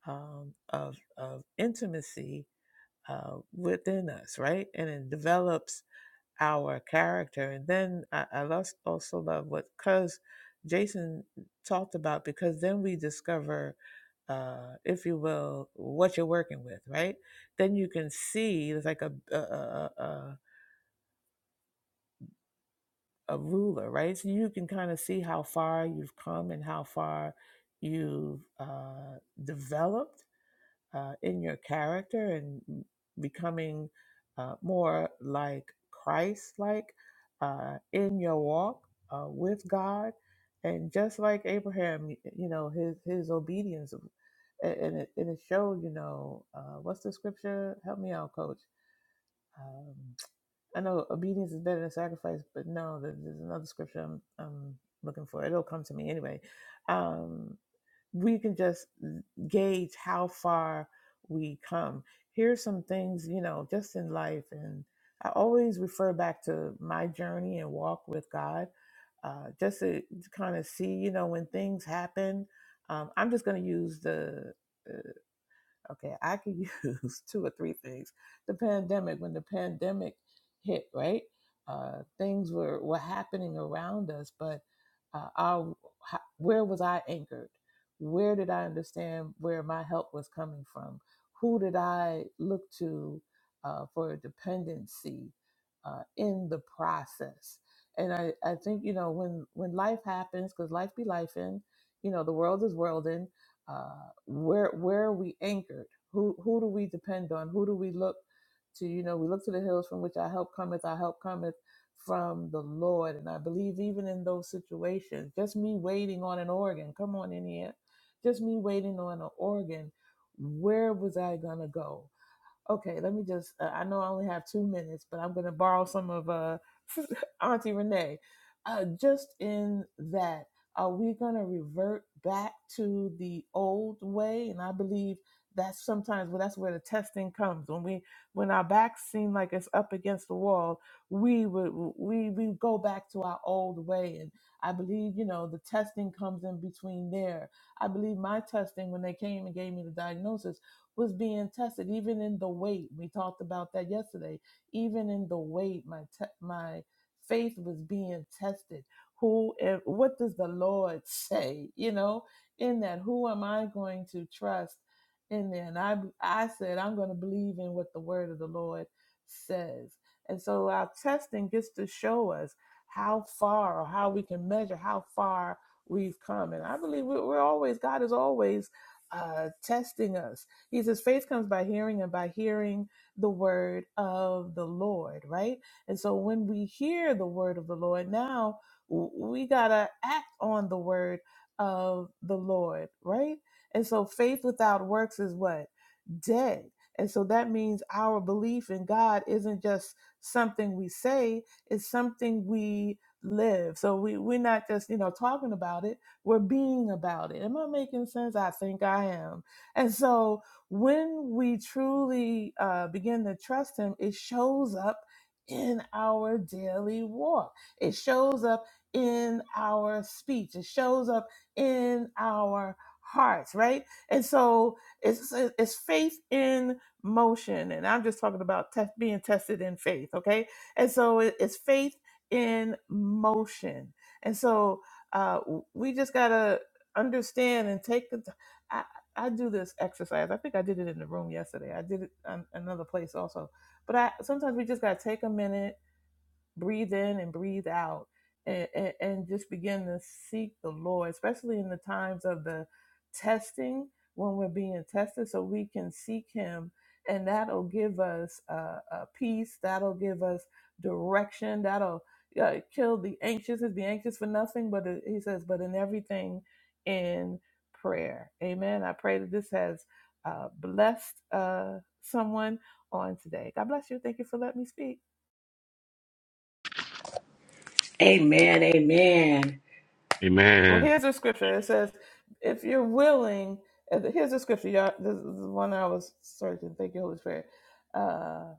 um, of, of intimacy uh, within us, right? And it develops our character. And then I, I los- also love what because Jason talked about, because then we discover, uh, if you will, what you're working with, right? Then you can see, it's like a, a, a, a a ruler, right? So you can kind of see how far you've come and how far you've uh, developed uh, in your character and becoming uh, more like Christ like uh, in your walk uh, with God. And just like Abraham, you know, his, his obedience. a- And it, and it showed, you know, uh, what's the scripture? Help me out, coach. Um, I know obedience is better than sacrifice, but no, there- there's another scripture I'm, I'm looking for. It'll come to me anyway. Um, we can just gauge how far we come. Here's some things, you know, just in life. And I always refer back to my journey and walk with God, uh, just to kind of see, you know, when things happen. Um, I'm just going to use the uh, Okay, I could use two or three things. The pandemic, when the pandemic hit, right? Uh, things were were happening around us, but uh, our, ho- where was I anchored? Where did I understand where my help was coming from? Who did I look to uh, for dependency uh, in the process? And I, I think you know when when life happens, because life be life in, you know the world is worlding uh, where where are we anchored? Who who do we depend on? Who do we look to? You know, we look to the hills from which our help cometh. Our help cometh from the Lord. And I believe even in those situations, just me waiting on an organ. Come on in here, just me waiting on an organ. Where was I gonna go? Okay, let me just. Uh, I know I only have two minutes, but I'm going to borrow some of uh, Auntie Renee. Uh, just in that, are we going to revert back to the old way? And I believe that's sometimes well, that's where the testing comes when we when our backs seem like it's up against the wall. We would we we go back to our old way, and I believe you know the testing comes in between there. I believe my testing when they came and gave me the diagnosis was being tested, even in the weight. We talked about that yesterday. Even in the weight, my te- my faith was being tested. Who? am- What does the Lord say? You know, in that, who am I going to trust? In there, and I I said I'm going to believe in what the Word of the Lord says. And so our testing gets to show us how far or how we can measure how far we've come. And I believe we- we're always, God is always uh, testing us he says, faith comes by hearing and by hearing the word of the Lord, right? And so when we hear the word of the Lord, now w- we got to act on the word of the Lord, right? And so faith without works is what? Dead. And so that means our belief in God isn't just something we say, it's something we live. So we, we're not just, you know, talking about it, we're being about it. Am I making sense? I think I am. And so when we truly uh, begin to trust Him, it shows up in our daily walk, it shows up in our speech, it shows up in our hearts, right? And so it's, it's faith in motion. And I'm just talking about test, being tested in faith, okay? And so it- it's faith in motion. And so uh, we just got to understand and take the time. I do this exercise. I think I did it in the room yesterday. I did it an another place also. But I sometimes we just gotta take a minute breathe in and breathe out and, and, and just begin to seek the lord especially in the times of the testing when we're being tested so we can seek him and that'll give us uh, a peace that'll give us direction that'll uh, kill the anxious is be anxious for nothing but it- he says but in everything in prayer amen i pray that this has uh, blessed uh, someone on today god bless you thank you for letting me speak Amen. Amen. Well, Amen. here's a scripture. It says, if you're willing, uh, here's a scripture. Y'all, this is the one I was searching. Thank you, Holy Spirit. Uh,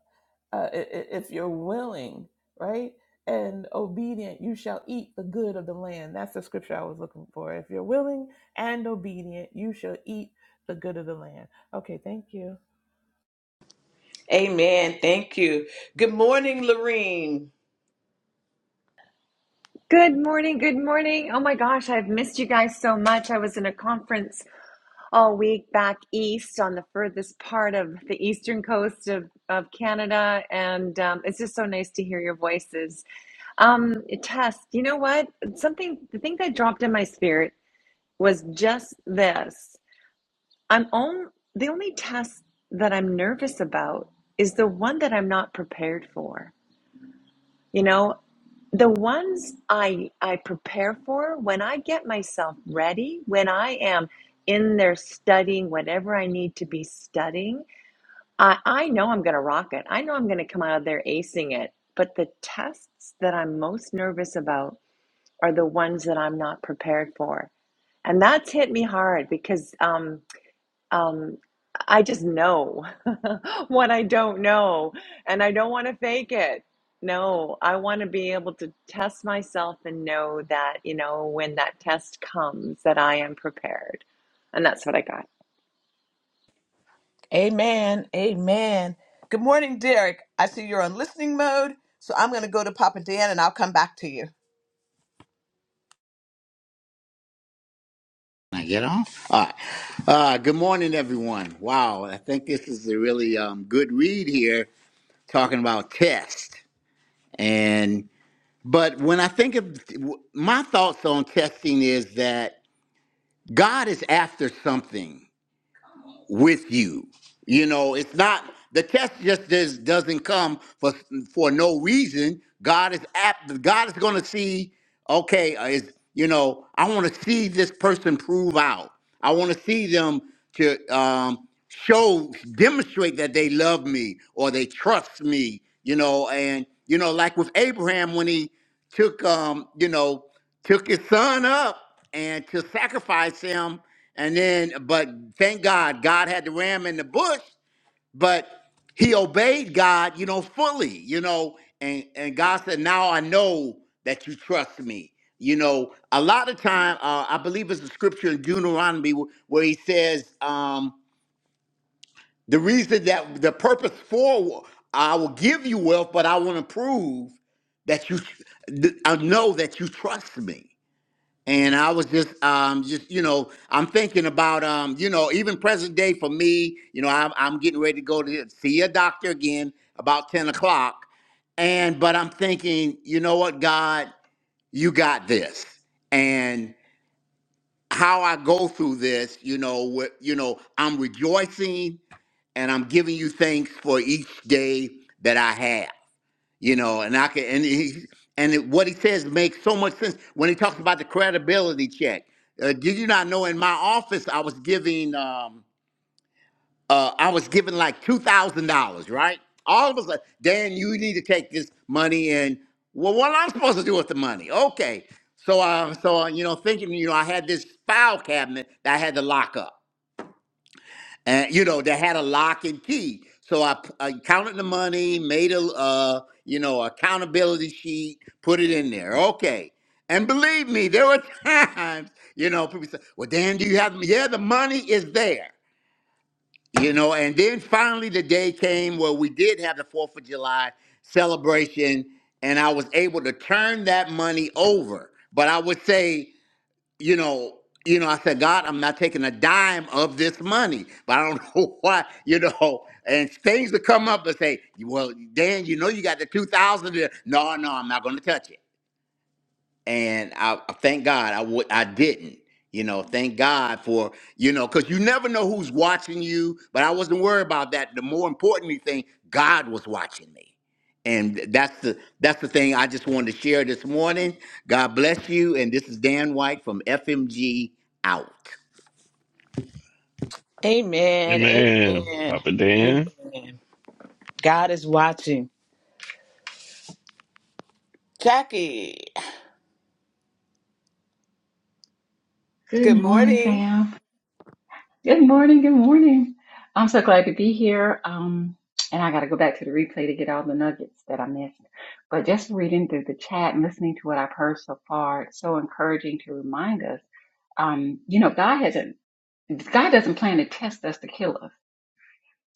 uh, i- i- if you're willing, right, and obedient, you shall eat the good of the land. That's the scripture I was looking for. If you're willing and obedient, you shall eat the good of the land. Okay, thank you. Amen. Thank you. Good morning, Lorene. Good morning. Good morning. Oh my gosh, I've missed you guys so much. I was in a conference all week back east on the furthest part of the eastern coast of, of Canada, and um, it's just so nice to hear your voices. Um, Tess, you know what? Something, the thing that dropped in my spirit was just this. I'm on, the only test that I'm nervous about is the one that I'm not prepared for. You know, the ones I I prepare for when I get myself ready, when I am in there studying whatever I need to be studying, I, I know I'm gonna rock it. I know I'm gonna come out of there acing it. But the tests that I'm most nervous about are the ones that I'm not prepared for. And that's hit me hard because um um, I just know what I don't know, and I don't want to fake it. No, I want to be able to test myself and know that, you know, when that test comes, that I am prepared. And that's what I got. Amen. Amen. Good morning, Derek. I see you're on listening mode, so I'm going to go to Papa Dan and I'll come back to you. I get off? All right. Uh, good morning, everyone. Wow, I think this is a really um, good read here, talking about test. And but when I think of my thoughts on testing is that God is after something with you. You know, it's not the test just does, doesn't come for for no reason. God is apt. God is going to see. Okay, uh, is you know, I want to see this person prove out. I want to see them to um, show, demonstrate that they love me or they trust me. You know, and you know, like with Abraham when he took um you know took his son up and to sacrifice him and then but thank god god had the ram in the bush but he obeyed god you know fully you know and and god said now i know that you trust me you know a lot of time uh, i believe it's a scripture in deuteronomy wh- where he says um. The reason that the purpose for I will give you wealth, but I want to prove that you th- I know that you trust me. And I was just um just you know I'm thinking about um you know even present day for me you know I'm I'm getting ready to go to see a doctor again about ten o'clock, and but I'm thinking you know what God you got this and how I go through this you know what you know I'm rejoicing and I'm giving you thanks for each day that I have. You know, and I can and he and it, what he says makes so much sense when he talks about the credibility check. Uh, did you not know in my office I was giving um uh I was giving like two thousand dollars, right? All of us like, Dan, you need to take this money and well, what am I supposed to do with the money? Okay. So, uh, so uh, you know, thinking, you know, I had this file cabinet that I had to lock up and you know they had a lock and key so I I counted the money made a uh, you know accountability sheet put it in there okay and believe me there were times you know people say well dan do you have yeah the money is there you know and then finally the day came where we did have the fourth of july celebration and i was able to turn that money over but i would say you know, you know, I said, God, I'm not taking a dime of this money, but I don't know why, you know. And things to come up and say, well, Dan, you know, you got the two thousand. there." No, no, I'm not going to touch it and I, I thank God I would I didn't. You know, thank God for you know, because you never know who's watching you. But I wasn't worried about that. The more important thing, God was watching me, and that's the that's the thing I just wanted to share this morning. God bless you, and this is Dan White from FMG out. Amen. Amen. Amen. Papa Dan. Amen. God is watching. Jackie, Good good morning, morning. fam. Good morning. Good morning. I'm so glad to be here. Um, and I got to go back to the replay to get all the nuggets that I missed. But just reading through the chat and listening to what I've heard so far, it's so encouraging to remind us. Um, you know, God hasn't. God doesn't plan to test us to kill us.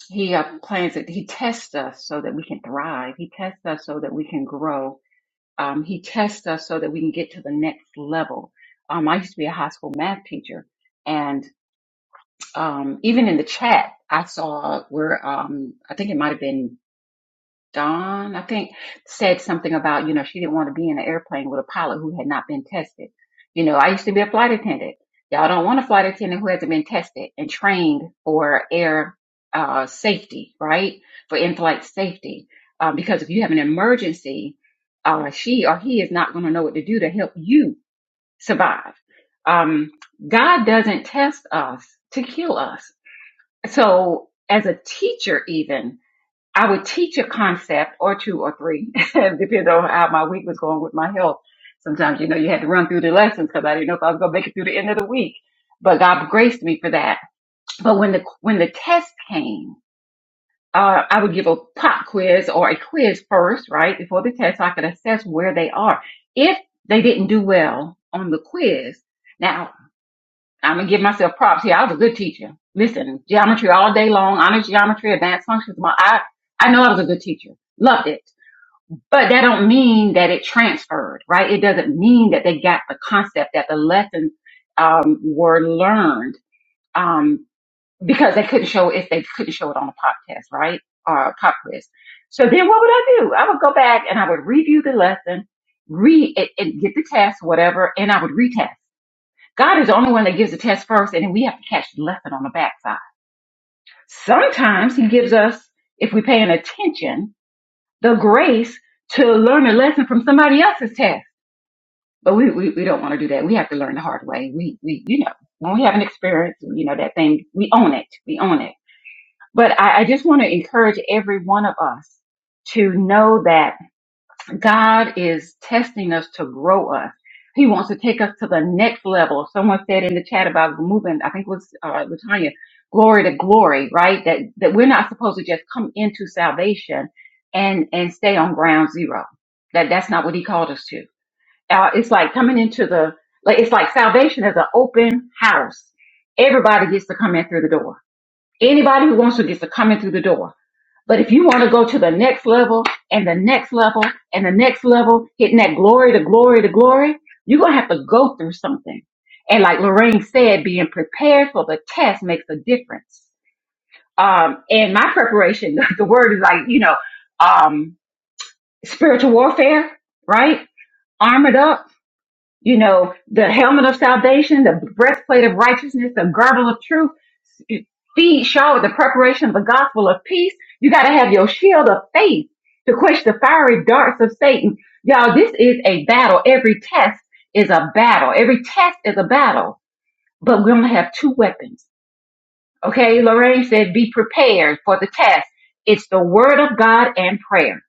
He uh, plans it. He tests us so that we can thrive. He tests us so that we can grow. Um, he tests us so that we can get to the next level. Um, I used to be a high school math teacher um, even in the chat, I saw where um, I think it might have been Dawn, I think, said something about, you know, she didn't want to be in an airplane with a pilot who had not been tested. You know, I used to be a flight attendant. Y'all don't want a flight attendant who hasn't been tested and trained for air uh, safety, right? For in flight safety. Um, because if you have an emergency, uh, she or he is not going to know what to do to help you survive. Um, God doesn't test us to kill us. So as a teacher, even I would teach a concept or two or three, depending on how my week was going with my health. Sometimes, you know, you had to run through the lessons because I didn't know if I was going to make it through the end of the week, but God graced me for that. But when the, when the test came, uh, I would give a pop quiz or a quiz first, right? Before the test, so I could assess where they are. If they didn't do well on the quiz, now I'm gonna give myself props here. I was a good teacher. Listen, geometry all day long, honors geometry, advanced functions. My, I I know I was a good teacher. Loved it. But that don't mean that it transferred, right? It doesn't mean that they got the concept that the lessons um, were learned um, because they couldn't show if they couldn't show it on a pop test, right? Or a pop quiz. So then what would I do? I would go back and I would review the lesson, re it, it, get the test, whatever, and I would retest. God is the only one that gives the test first, and then we have to catch the lesson on the backside. Sometimes He gives us, if we're paying attention, the grace to learn a lesson from somebody else's test. But we, we, we don't want to do that. We have to learn the hard way. We, we, you know, when we have an experience, you know, that thing, we own it. We own it. But I, I just want to encourage every one of us to know that God is testing us to grow us. He wants to take us to the next level. Someone said in the chat about moving, I think it was uh, Latanya, glory to glory, right? That that we're not supposed to just come into salvation and and stay on ground zero. That that's not what He called us to. Uh, it's like coming into the like it's like salvation is an open house. Everybody gets to come in through the door. Anybody who wants to gets to come in through the door but if you want to go to the next level and the next level and the next level, hitting that glory to glory to glory, you're going to have to go through something. And like Lorraine said, being prepared for the test makes a difference. Um, and my preparation, the word is like, you know, um, spiritual warfare, right? Armored up you know, the helmet of salvation, the breastplate of righteousness, the girdle of truth, feet shod with the preparation of the gospel of peace. You got to have your shield of faith to quench the fiery darts of Satan. Y'all, this is a battle. Every test is a battle. Every test is a battle, but we're going to have two weapons. Okay, Lorraine said, be prepared for the test. It's the word of God and prayer.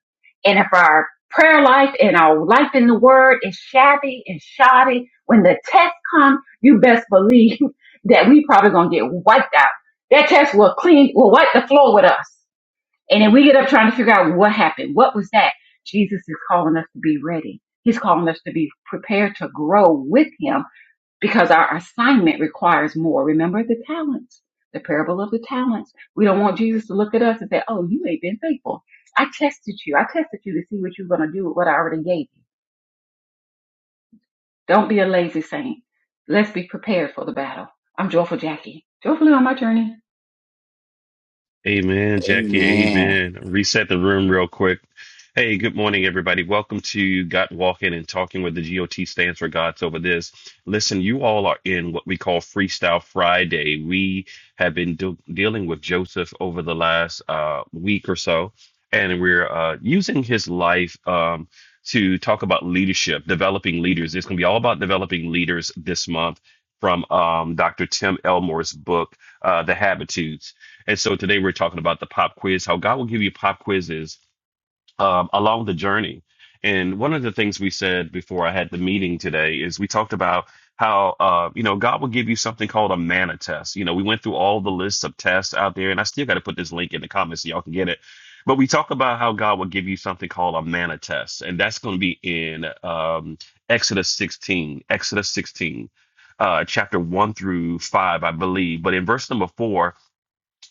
And if our prayer life and our life in the word is shabby and shoddy, when the test comes, you best believe that we probably gonna get wiped out. That test will clean, will wipe the floor with us. And then we get up trying to figure out what happened. What was that? Jesus is calling us to be ready. He's calling us to be prepared to grow with him because our assignment requires more. Remember the talents, the parable of the talents. We don't want Jesus to look at us and say, Oh, you ain't been faithful. I tested you. I tested you to see what you're going to do with what I already gave you. Don't be a lazy saint. Let's be prepared for the battle. I'm Joyful Jackie. Joyfully on my journey. Amen, Jackie. Amen. Amen. Reset the room real quick. Hey, good morning, everybody. Welcome to Got Walking and Talking with the GOT stands for God's Over This. Listen, you all are in what we call Freestyle Friday. We have been do- dealing with Joseph over the last uh, week or so, and we're uh, using his life um, to talk about leadership, developing leaders. It's going to be all about developing leaders this month from um, Dr. Tim Elmore's book, uh, The Habitudes. And so today we're talking about the pop quiz, how God will give you pop quizzes um, along the journey. And one of the things we said before I had the meeting today is we talked about how, uh, you know, God will give you something called a manna test. You know, we went through all the lists of tests out there, and I still got to put this link in the comments so y'all can get it. But we talk about how God will give you something called a manna test, and that's going to be in um, Exodus 16, Exodus 16, uh, chapter 1 through 5, I believe. But in verse number 4,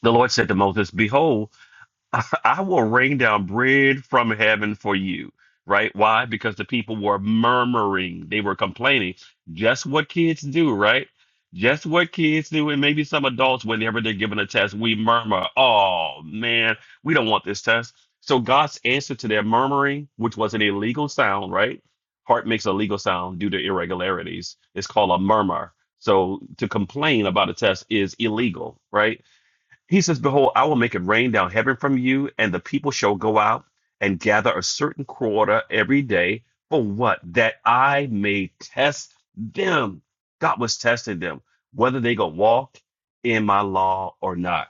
the Lord said to Moses, Behold, I will rain down bread from heaven for you. Right? Why? Because the people were murmuring, they were complaining. Just what kids do, right? Just what kids do, and maybe some adults, whenever they're given a test, we murmur, Oh man, we don't want this test. So God's answer to their murmuring, which was an illegal sound, right? Heart makes a legal sound due to irregularities. It's called a murmur. So to complain about a test is illegal, right? He says, Behold, I will make it rain down heaven from you, and the people shall go out and gather a certain quarter every day. For what? That I may test them. God was testing them, whether they go walk in my law or not.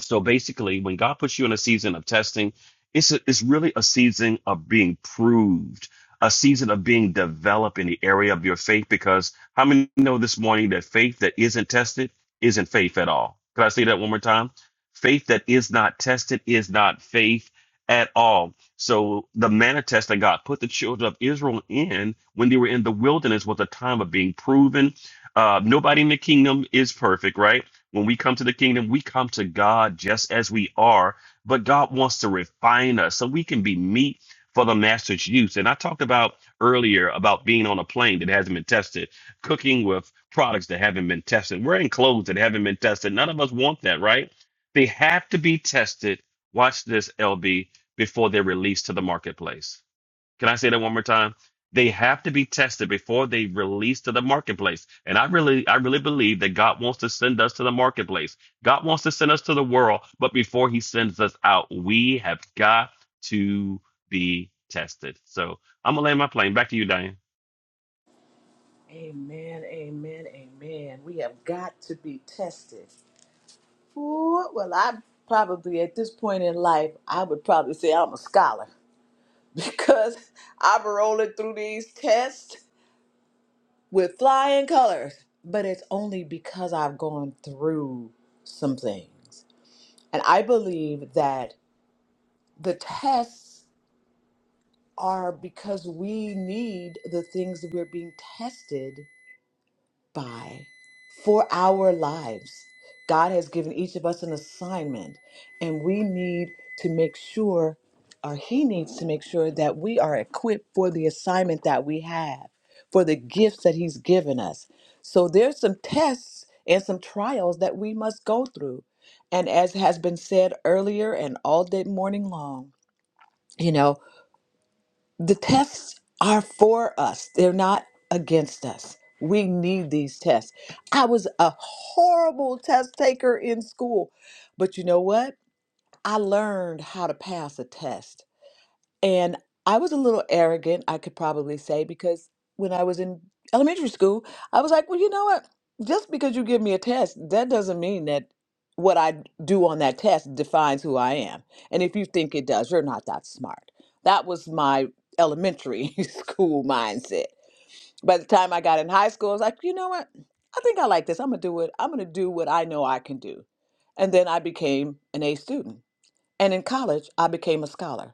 So basically, when God puts you in a season of testing, it's a, it's really a season of being proved, a season of being developed in the area of your faith. Because how many know this morning that faith that isn't tested isn't faith at all? Can I say that one more time? Faith that is not tested is not faith at all. So the manna test that God put the children of Israel in when they were in the wilderness was a time of being proven. Uh, nobody in the kingdom is perfect, right? When we come to the kingdom, we come to God just as we are, but God wants to refine us so we can be meat for the master's use. And I talked about earlier about being on a plane that hasn't been tested, cooking with products that haven't been tested, wearing clothes that haven't been tested. None of us want that, right? They have to be tested. Watch this, LB, before they're released to the marketplace. Can I say that one more time? They have to be tested before they release to the marketplace. And I really, I really believe that God wants to send us to the marketplace. God wants to send us to the world, but before he sends us out, we have got to be tested. So I'm gonna land my plane. Back to you, Diane. Amen, amen, amen. We have got to be tested. Ooh, well, i probably at this point in life, I would probably say I'm a scholar. because I'm rolling through these tests with flying colors. But it's only because I've gone through some things. And I believe that the tests are because we need the things that we're being tested by for our lives. God has given each of us an assignment, and we need to make sure, or He needs to make sure, that we are equipped for the assignment that we have, for the gifts that He's given us. So there's some tests and some trials that we must go through. And as has been said earlier and all day morning long, you know the tests are for us, they're not against us. We need these tests. I was a horrible test taker in school, but you know what? I learned how to pass a test. And I was a little arrogant, I could probably say, because when I was in elementary school, I was like, well, you know what? Just because you give me a test, that doesn't mean that what I do on that test defines who I am. And if you think it does, you're not that smart. That was my elementary school mindset. By the time I got in high school, I was like, you know what? I think I like this. I'm going to do it. I'm going to do what I know I can do. And then I became an A student. And in college, I became a scholar.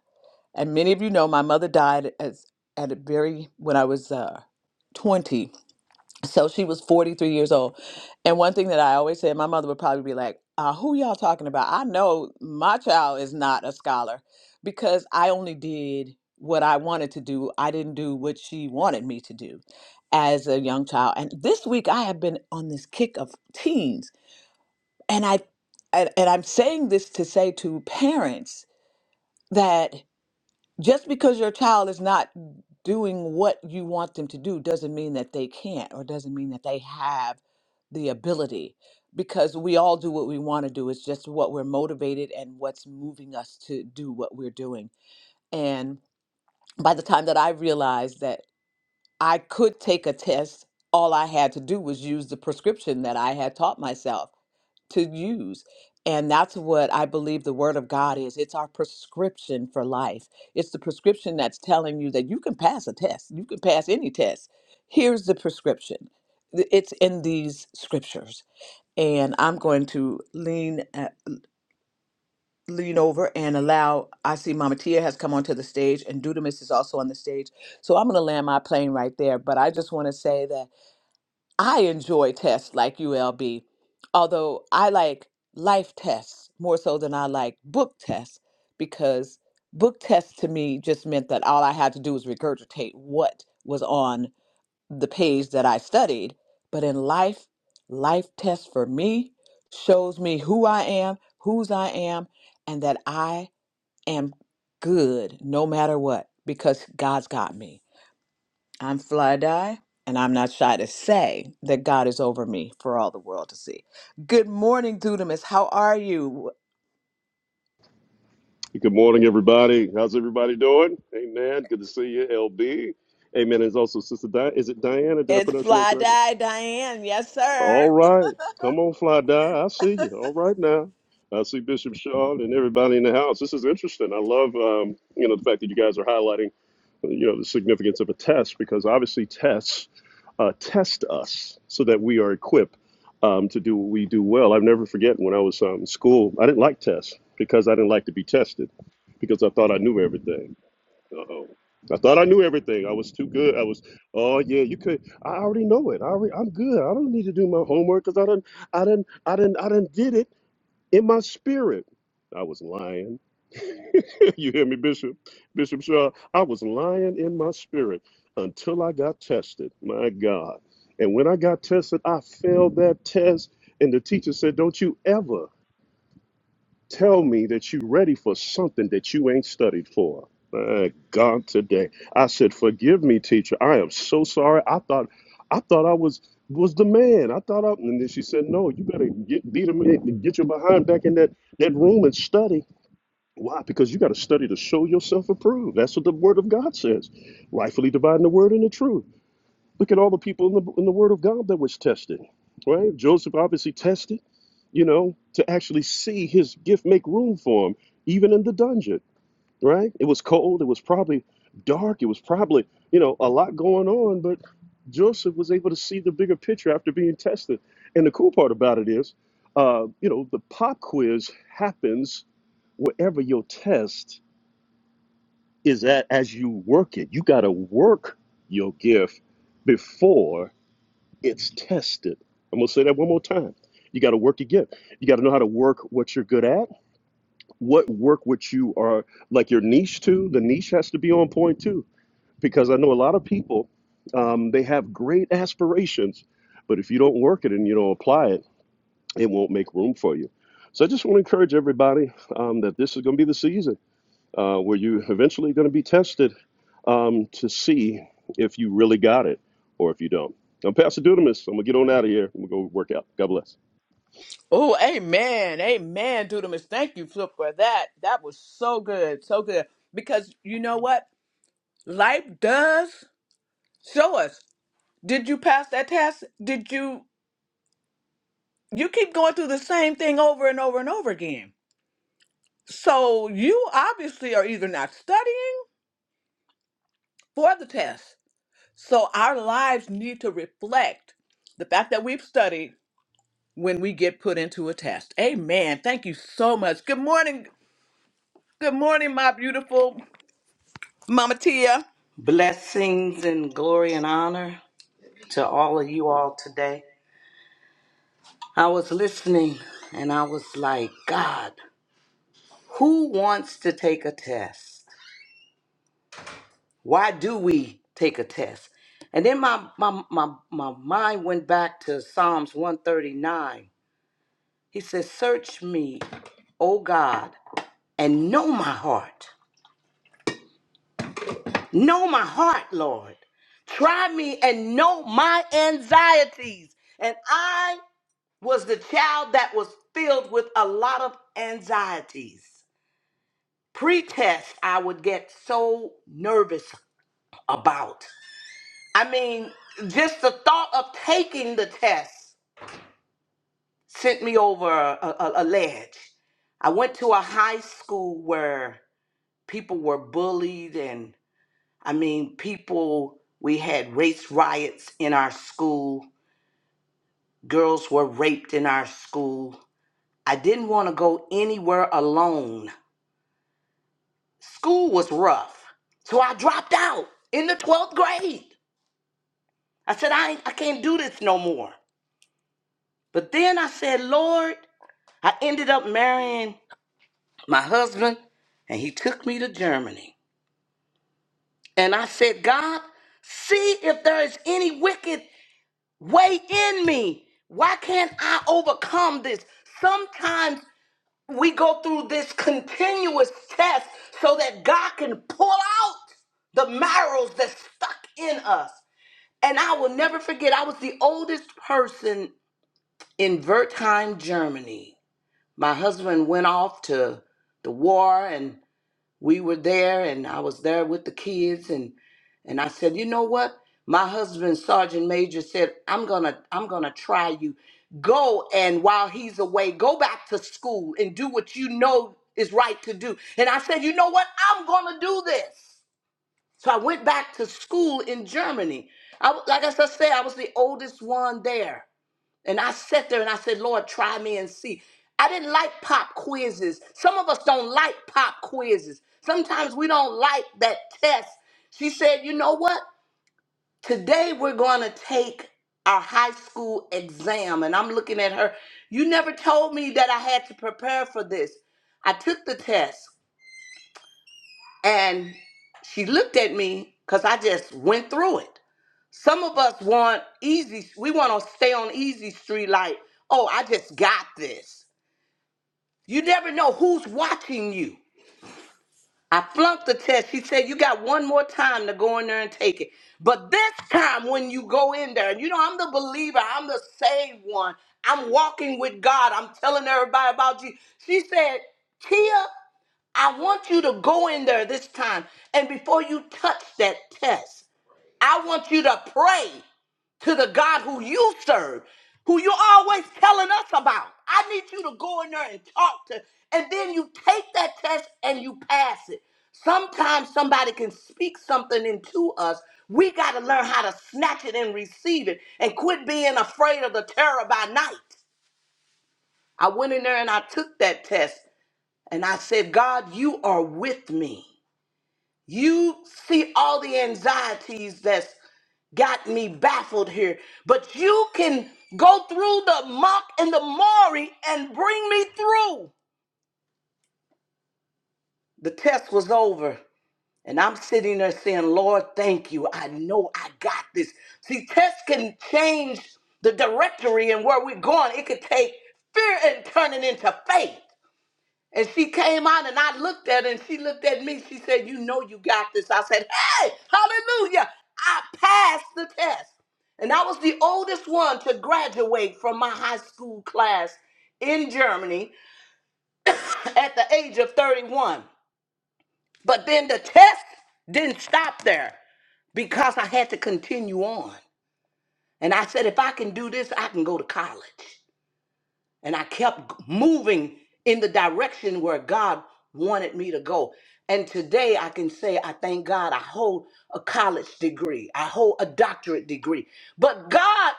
And many of you know my mother died as at a very when I was uh, 20. So she was 43 years old. And one thing that I always said, my mother would probably be like, uh, who y'all talking about? I know my child is not a scholar because I only did what I wanted to do. I didn't do what she wanted me to do as a young child. And this week I have been on this kick of teens. And I and, and I'm saying this to say to parents that just because your child is not doing what you want them to do doesn't mean that they can't or doesn't mean that they have the ability because we all do what we want to do it's just what we're motivated and what's moving us to do what we're doing and by the time that i realized that i could take a test all i had to do was use the prescription that i had taught myself to use. And that's what I believe the Word of God is. It's our prescription for life. It's the prescription that's telling you that you can pass a test, you can pass any test. Here's the prescription Th- it's in these scriptures. And I'm going to lean. Uh, lean over and allow i see mama tia has come onto the stage and dudamis is also on the stage so i'm going to land my plane right there but i just want to say that I enjoy tests like ULB, although I like life tests more so than I like book tests because book tests to me just meant that all I had to do was regurgitate what was on the page that I studied. But in life, life test for me shows me who I am, whose I am, and that I am good no matter what because God's got me. I'm fly and I'm not shy to say that God is over me for all the world to see. Good morning, Dudamus. How are you? Good morning, everybody. How's everybody doing? Amen. Good to see you, LB. Amen. It's also Sister Di- Is it Diana? Did I It's pronounce your name fly correctly? Diane. Yes, sir. All right. Come on, Fly Die. I see you. All right now. I see Bishop Shaw and everybody in the house. This is interesting. I love, um, you know, the fact that you guys are highlighting, you know, the significance of a test because obviously tests uh, test us so that we are equipped um, to do what we do well. I've never forget when I was um, in school, I didn't like tests because I didn't like to be tested because I thought I knew everything. Uh-oh. I thought I knew everything. I was too good. I was, oh yeah, you could. I already know it. I already, I'm good. I don't need to do my homework because I didn't, I didn't, I didn't, I didn't did it in my spirit. I was lying. you hear me, Bishop? Bishop Shaw, I was lying in my spirit until I got tested. My God. And when I got tested, I failed that test. And the teacher said, don't you ever tell me that you're ready for something that you ain't studied for. My God, today I said, "Forgive me, teacher. I am so sorry. I thought, I thought I was was the man. I thought I." And then she said, "No, you better get lead him, get your behind back in that that room and study. Why? Because you got to study to show yourself approved. That's what the Word of God says, rightfully dividing the Word and the truth." Look at all the people in the in the Word of God that was tested, right? Joseph obviously tested, you know, to actually see his gift make room for him, even in the dungeon, right? It was cold. It was probably dark. It was probably you know a lot going on, but Joseph was able to see the bigger picture after being tested. And the cool part about it is, uh, you know, the pop quiz happens wherever your test is at as you work it. You got to work your gift before it's tested. I'm gonna say that one more time. You got to work your gift. You got to know how to work what you're good at. What work what you are like your niche too. The niche has to be on point too, because I know a lot of people um, they have great aspirations, but if you don't work it and you don't apply it, it won't make room for you. So I just want to encourage everybody um, that this is going to be the season uh, where you're eventually going to be tested um, to see if you really got it or if you don't. I'm Pastor Dudamus. I'm going to get on out of here. I'm going to go work out. God bless. Oh, amen. Amen, Dudamus. Thank you, Flip, for that. That was so good. So good. Because you know what? Life does show us. Did you pass that test? Did you? You keep going through the same thing over and over and over again. So you obviously are either not studying for the test So our lives need to reflect the fact that we've studied when we get put into a test. Amen. Thank you so much. Good morning. Good morning, my beautiful Mama Tia. Blessings and glory and honor to all of you all today. I was listening and I was like, God, who wants to take a test? Why do we take a test? And then my, my, my, my mind went back to Psalms 139. He says, Search me, O God, and know my heart. Know my heart, Lord. Try me and know my anxieties, and I was the child that was filled with a lot of anxieties. pre Pretest, I would get so nervous about. I mean, just the thought of taking the test sent me over a, a, a ledge. I went to a high school where people were bullied, and I mean, people, we had race riots in our school, girls were raped in our school. I didn't want to go anywhere alone School was rough, so I dropped out in the 12th grade. I said, I, I can't do this no more. But then I said, Lord, I ended up marrying my husband, and he took me to Germany. And I said, God, see if there is any wicked way in me. Why can't I overcome this? Sometimes we go through this continuous test so that God can pull out the marrows that's stuck in us. And I will never forget, I was the oldest person in Wertheim, Germany. My husband went off to the war and we were there and I was there with the kids and and I said, "You know what? My husband, Sergeant Major said, "I'm going to I'm going to try you. Go and while he's away, go back to school and do what you know is right to do." And I said, "You know what? I'm going to do this." So I went back to school in Germany. I, w- like I just said, I was the oldest one there. And I sat there and I said, Lord, try me and see. I didn't like pop quizzes. Some of us don't like pop quizzes. Sometimes we don't like that test. She said, You know what? Today we're going to take our high school exam. And I'm looking at her. You never told me that I had to prepare for this. I took the test and she looked at me because I just went through it. Some of us want easy, we want to stay on easy street like, oh, I just got this. You never know who's watching you. I flunked the test. She said, you got one more time to go in there and take it. But this time when you go in there, and you know, I'm the believer, I'm the saved one. I'm walking with God. I'm telling everybody about you. She said, Tia, I want you to go in there this time. And before you touch that test, I want you to pray to the God who you serve, who you're always telling us about. I need you to go in there and talk to, and then you take that test and you pass it. Sometimes somebody can speak something into us. We got to learn how to snatch it and receive it and quit being afraid of the terror by night. I went in there and I took that test and I said, God, you are with me. You see all the anxieties that's got me baffled here, but you can go through the muck and the mire and bring me through. The test was over, and I'm sitting there saying, Lord, thank you. I know I got this. See, tests can change the directory and where we're going, it could take fear and turn it into faith. And she came out and I looked at her and she looked at me. She said, You know you got this. I said, Hey, hallelujah. I passed the test. And I was the oldest one to graduate from my high school class in Germany at the age of 31. But then the test didn't stop there because I had to continue on. And I said, If I can do this, I can go to college. And I kept moving in the direction where God wanted me to go. And today I can say, I thank God I hold a college degree, I hold a doctorate degree. But God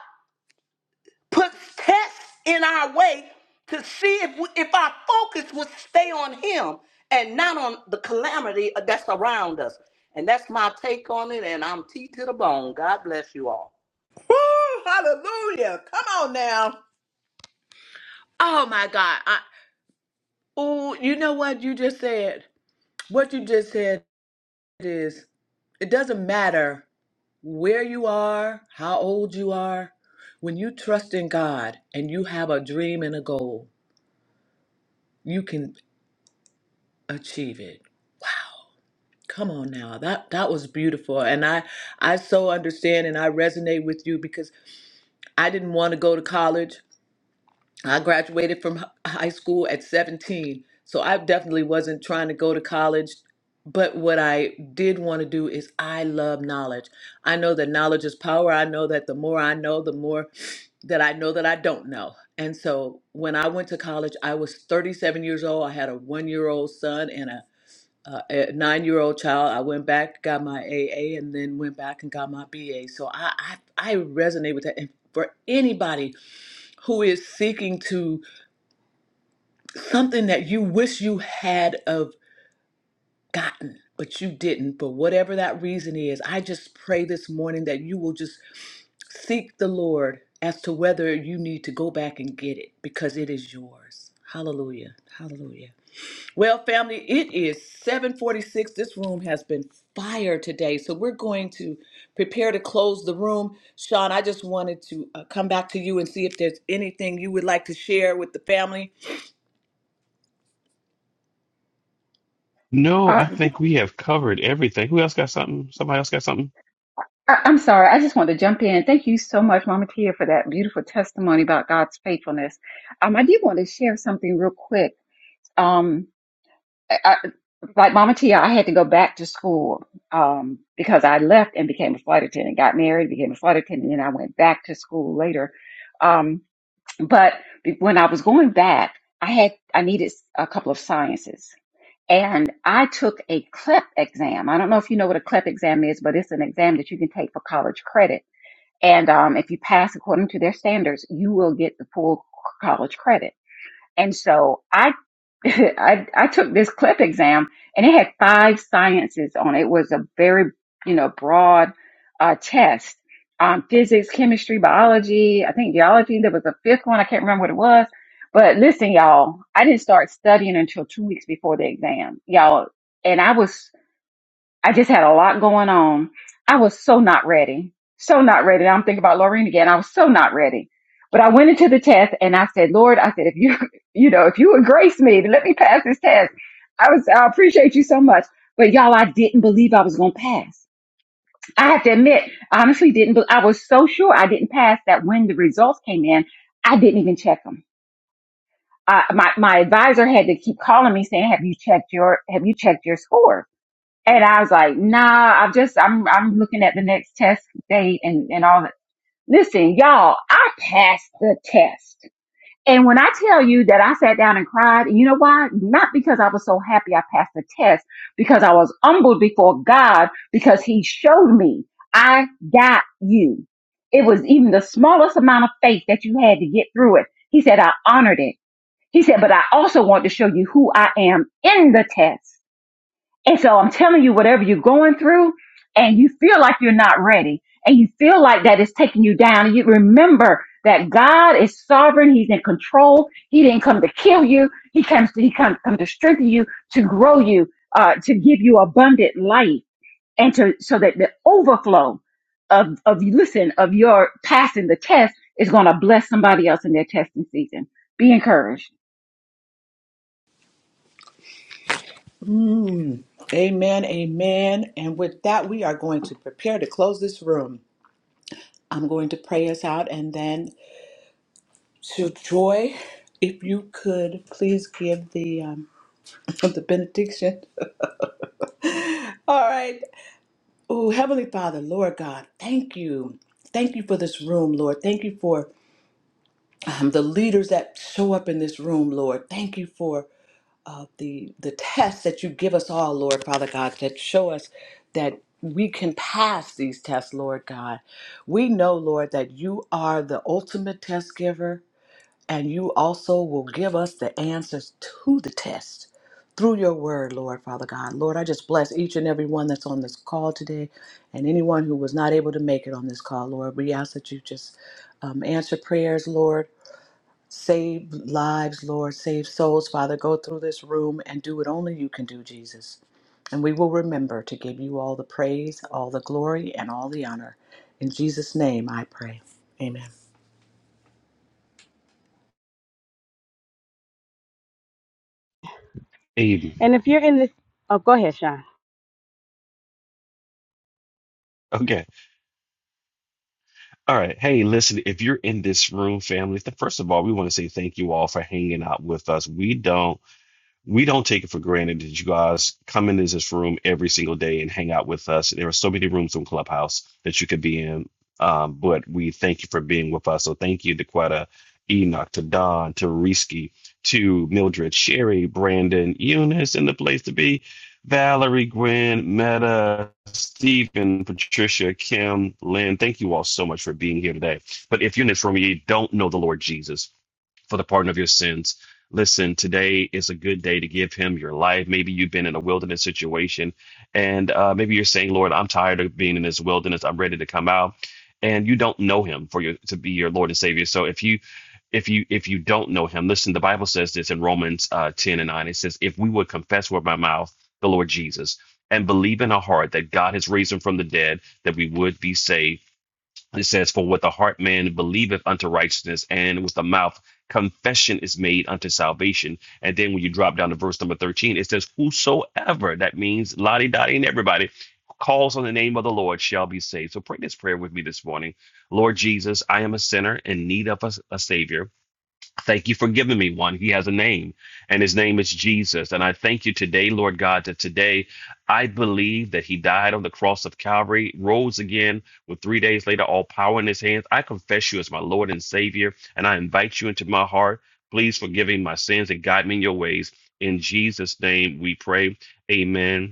puts tests in our way to see if, we, if our focus would stay on Him and not on the calamity uh, that's around us. And that's my take on it. And I'm T to the bone. God bless you all. Woo, hallelujah. Come on now. Oh my God. I, oh, you know what you just said? What you just said is it doesn't matter where you are, how old you are, when you trust in God and you have a dream and a goal, you can achieve it. Come on now. That that was beautiful. And I I so understand and I resonate with you because I didn't want to go to college. I graduated from h- high school at 17. So I definitely wasn't trying to go to college. But what I did want to do is I love knowledge. I know that knowledge is power. I know that the more I know, the more that I know that I don't know. And so when I went to college, I was 37 years old. I had a one year old son and a uh, a nine-year-old child. I went back, got my AA, and then went back and got my BA. So I, I, I resonate with that. And for anybody who is seeking to something that you wish you had of gotten, but you didn't, for whatever that reason is, I just pray this morning that you will just seek the Lord as to whether you need to go back and get it because it is yours. Hallelujah. Hallelujah. Well, family, it is 746. This room has been fire today. So we're going to prepare to close the room. Sean, I just wanted to uh, come back to you and see if there's anything you would like to share with the family. No, Uh, I yeah, think we have covered everything. Who else got something? Somebody else got something? I, I'm sorry. I just wanted to jump in. Thank you so much, Mama Tia, for that beautiful testimony about God's faithfulness. Um, I did want to share something real quick. Um, I. Like Mama Tia, I had to go back to school um, because I left and became a flight attendant, got married, became a flight attendant, and then I went back to school later. Um, but be- when I was going back, I had I needed a couple of sciences, and I took a CLEP exam. I don't know if you know what a CLEP exam is, but it's an exam that you can take for college credit. And um, if you pass according to their standards, you will get the full college credit. And so I, I, I took this CLIP exam and it had five sciences on it. It was a very, you know, broad uh, test. Um, physics, chemistry, biology, I think geology, there was a fifth one. I can't remember what it was. But listen, y'all, I didn't start studying until two weeks before the exam, y'all. And I was I just had a lot going on. I was so not ready. So not ready. I'm thinking about Lorraine again. I was so not ready. But I went into the test and I said, Lord, I said, if you, you know, if you would grace me to let me pass this test, I was, I appreciate you so much. But y'all, I didn't believe I was going to pass. I have to admit, I honestly didn't, be- I was so sure I didn't pass that when the results came in, I didn't even check them. Uh, my, my advisor had to keep calling me saying, have you checked your, have you checked your scores? And I was like, nah, I'm just, I'm, I'm looking at the next test date and, and all that. Listen, y'all, I passed the test. And when I tell you that I sat down and cried, you know why? Not because I was so happy I passed the test, because I was humbled before God, because he showed me I got you. It was even the smallest amount of faith that you had to get through it. He said, I honored it. He said, but I also want to show you who I am in the test. And so I'm telling you, whatever you're going through and you feel like you're not ready and you feel like that is taking you down, and you remember that God is sovereign. He's in control. He didn't come to kill you. He comes to, he comes come to strengthen you, to grow you, uh, to give you abundant life and to, so that the overflow of, of, listen, of your passing the test is going to bless somebody else in their testing season. Be encouraged. Hmm. Amen, amen. And with that, we are going to prepare to close this room. I'm going to pray us out and then to Joy, if you could please give the um, the benediction. All right. Oh, Heavenly Father, Lord God, thank you. Thank you for this room, Lord. Thank you for um, the leaders that show up in this room, Lord. Thank you for uh, the the tests that you give us all, Lord, Father God, that show us that we can pass these tests, Lord God. We know, Lord, that you are the ultimate test giver. And you also will give us the answers to the test through your word, Lord, Father God. Lord, I just bless each and every one that's on this call today and anyone who was not able to make it on this call, Lord. We ask that you just um, answer prayers, Lord. Save lives, Lord. Save souls, Father. Go through this room and do what only you can do, Jesus. And we will remember to give you all the praise, all the glory, and all the honor. In Jesus' name I pray. Amen. Aiden. And if you're in this, oh, go ahead, Sean. Okay. All right. Hey, listen, if you're in this room, family, th- first of all, we want to say thank you all for hanging out with us. We don't we don't take it for granted that you guys come into this room every single day and hang out with us. There are so many rooms on Clubhouse that you could be in, um, but we thank you for being with us. So thank you to Quetta, Enoch, to Don, to Risky, to Mildred, Sherry, Brandon, Eunice, and the place to be, Valerie, Gwen, Meta, Stephen, Patricia, Kim, Lynn. Thank you all so much for being here today. But if you're in this room, you don't know the Lord Jesus for the pardon of your sins. Listen, today is a good day to give him your life. Maybe you've been in a wilderness situation, and uh, maybe you're saying, Lord, I'm tired of being in this wilderness. I'm ready to come out. And you don't know him for your to be your Lord and Savior. So if you if you if you don't know him, listen, the Bible says this in Romans uh, 10 and 9. It says, if we would confess with our mouth the Lord Jesus and believe in our heart that God has raised him from the dead, that we would be saved. It says, For with the heart man believeth unto righteousness, and with the mouth confession is made unto salvation. And then when you drop down to verse number 13, it says, Whosoever, that means Lottie Dottie and everybody, calls on the name of the Lord shall be saved. So pray this prayer with me this morning. Lord Jesus, I am a sinner in need of a, a Savior. Thank you for giving me one. He has a name, and his name is Jesus. And I thank you today, Lord God, that today I believe that he died on the cross of Calvary, rose again with three days later, all power in his hands. I confess you as my Lord and Savior, and I invite you into my heart. Please forgive me my sins and guide me in your ways. In Jesus' name we pray. Amen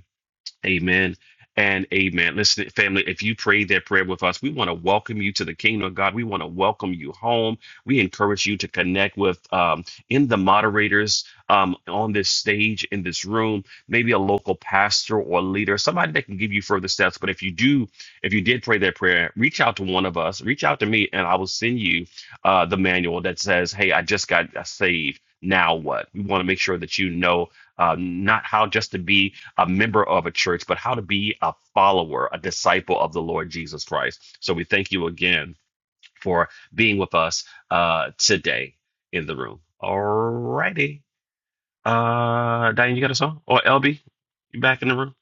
Amen and amen. Listen, family, if you prayed that prayer with us, we want to welcome you to the kingdom of God. We want to welcome you home. We encourage you to connect with um, in the moderators um, on this stage, in this room, maybe a local pastor or leader, somebody that can give you further steps. But if you do, if you did pray that prayer, reach out to one of us, reach out to me, and I will send you uh, the manual that says, Hey, I just got saved. Now what? We want to make sure that you know uh, not how just to be a member of a church, but how to be a follower, a disciple of the Lord Jesus Christ. So we thank you again for being with us uh, today in the room. All righty. Uh, Diane, you got a song? Or LB, you back in the room?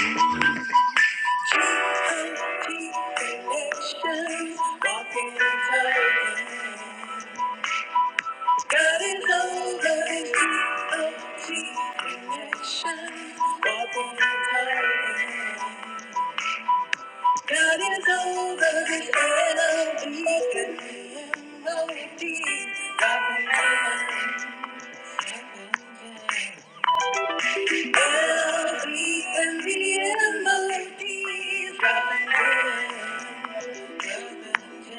Oh, never mind. Connection, walking in love. God is all that is connection. Walking in love. God is all that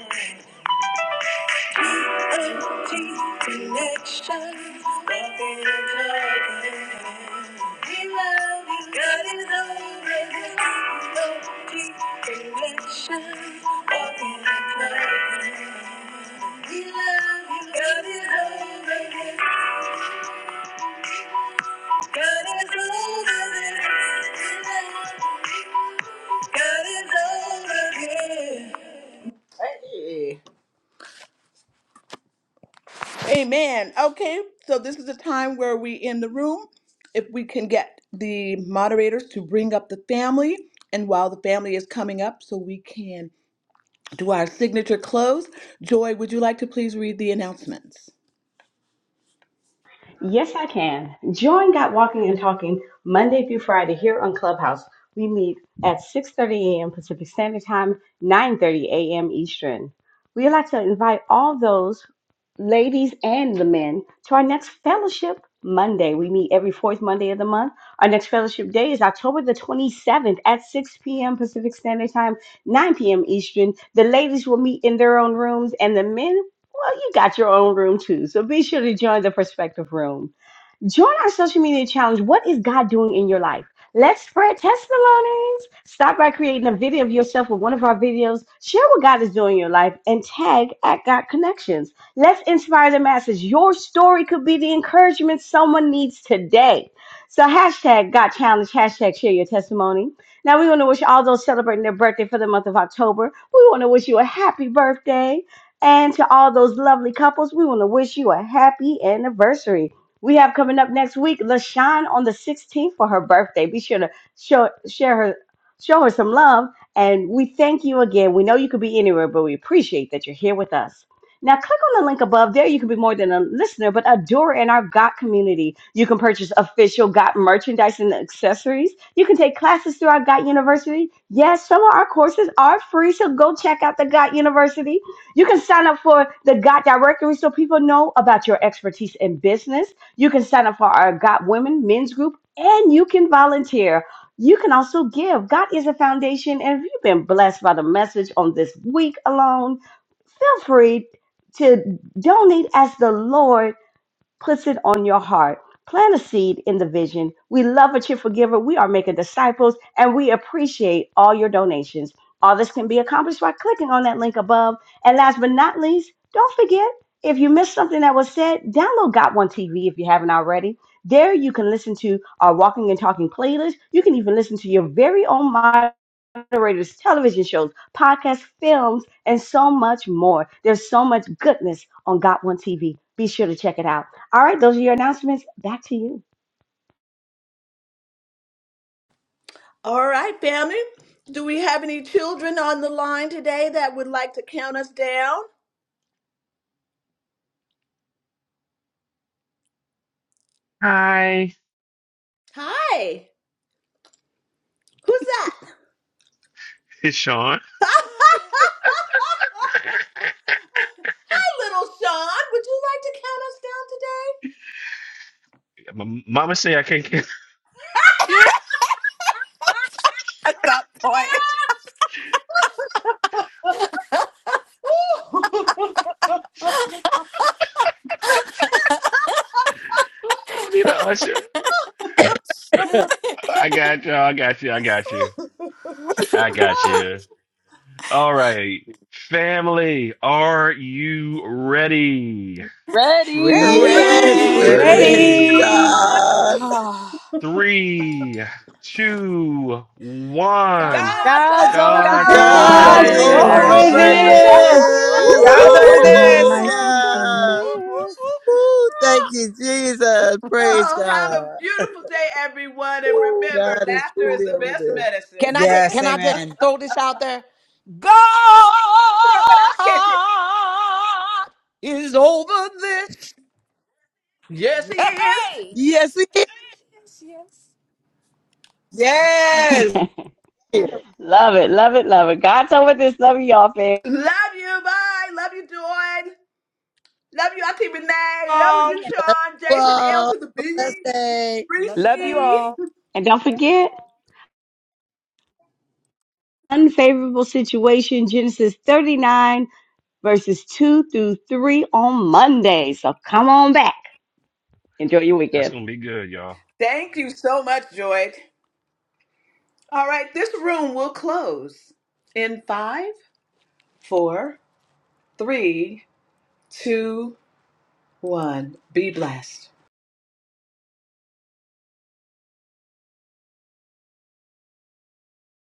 is Empty connection. Nothing is happening. We love you. God is over this. Empty connection. Nothing is happening. We love you. God is over this. God is over this. Hey. Amen. Okay, so this is a time where we in the room, if we can get the moderators to bring up the family, and while the family is coming up, so we can do our signature close. Joy, would you like to please read the announcements? Yes, I can. Join Got Walking and Talking Monday through Friday here on Clubhouse. We meet at 6:30 a.m. Pacific Standard Time, 9:30 a.m. Eastern. We'd like to invite all those ladies and the men to our next fellowship Monday. We meet every fourth Monday of the month. Our next fellowship day is October the 27th at 6 p.m. Pacific Standard Time, 9 p.m. Eastern. The ladies will meet in their own rooms and the men well, you got your own room too, so be sure to join the Perspective Room. Join our social media challenge. What is God doing in your life? Let's spread testimonies. Start by creating a video of yourself with one of our videos. Share what God is doing in your life and tag at God Connections. Let's inspire the masses. Your story could be the encouragement someone needs today. So hashtag God Challenge, hashtag share your testimony. Now we want to wish all those celebrating their birthday for the month of October. We want to wish you a happy birthday. And to all those lovely couples, we want to wish you a happy anniversary. We have coming up next week LaShawn on the 16th for her birthday. Be sure to show, share her, show her some love. And we thank you again. We know you could be anywhere, but we appreciate that you're here with us. Now, click on the link above. There, you can be more than a listener, but a doer in our GOT community. You can purchase official GOT merchandise and accessories. You can take classes through our GOT University. Yes, some of our courses are free, so go check out the GOT University. You can sign up for the GOT directory so people know about your expertise in business. You can sign up for our Got Women men's group and you can volunteer. You can also give. God is a foundation. And if you've been blessed by the message on this week alone, feel free to donate as the Lord puts it on your heart. Plant a seed in the vision. We love a cheerful giver. We are making disciples and we appreciate all your donations. All this can be accomplished by clicking on that link above. And last but not least, don't forget if you missed something that was said, download Got One TV if you haven't already. There you can listen to our walking and talking playlist. You can even listen to your very own moderators, television shows, podcasts, films, and so much more. There's so much goodness on Got One TV. Be sure to check it out. All right, those are your announcements. Back to you. All right, family. Do we have any children on the line today that would like to count us down? Hi, Hi. Who's that? it's Sean. Hi, little Sean. Would you like to count us down My mama say I can't get. Yeah, At that point. today? ooh, I need an usher. I got you. I got you. I got you. I got you. All right, family, are you ready? Ready. Yes, ready, Praise we're Ready? ready, Ready. little Ready? Sean. God. Ready. Three, two, God's one. God's over. God's over. over God's God, God's over so God God's Guys God's it over this. is is. over over over this. over this. there. God's this. over this. Whoop, Woo, this. Whoop, woo, whoop, God's whoop, whoop, whoop. over this. have a woo, this. nice God's over weekend. Hallelujah. whoop, whoop, this. whoop, whoop, Woo, thank you, Jesus. Oh, Praise God. everyone, remember. Woo, God is truly over this. Can I just Yes, can I just amen. throw this out there? God is over this. Hey, whoop. hey. Yes, He Yes, yes. woo, woo, Yes. woo. is. love it, love it, love it. God's over this. Love you, y'all, fam. all Whoa, blessed day. Love your love you all. family. And don't forget, unfavorable situation, Genesis 39, verses 2 through 3 on Monday. So come on back. Enjoy your That's weekend. gonna be good, y'all. Thank you so much, Joy. All right, this room will close in five, four, three, two, one. Be blessed.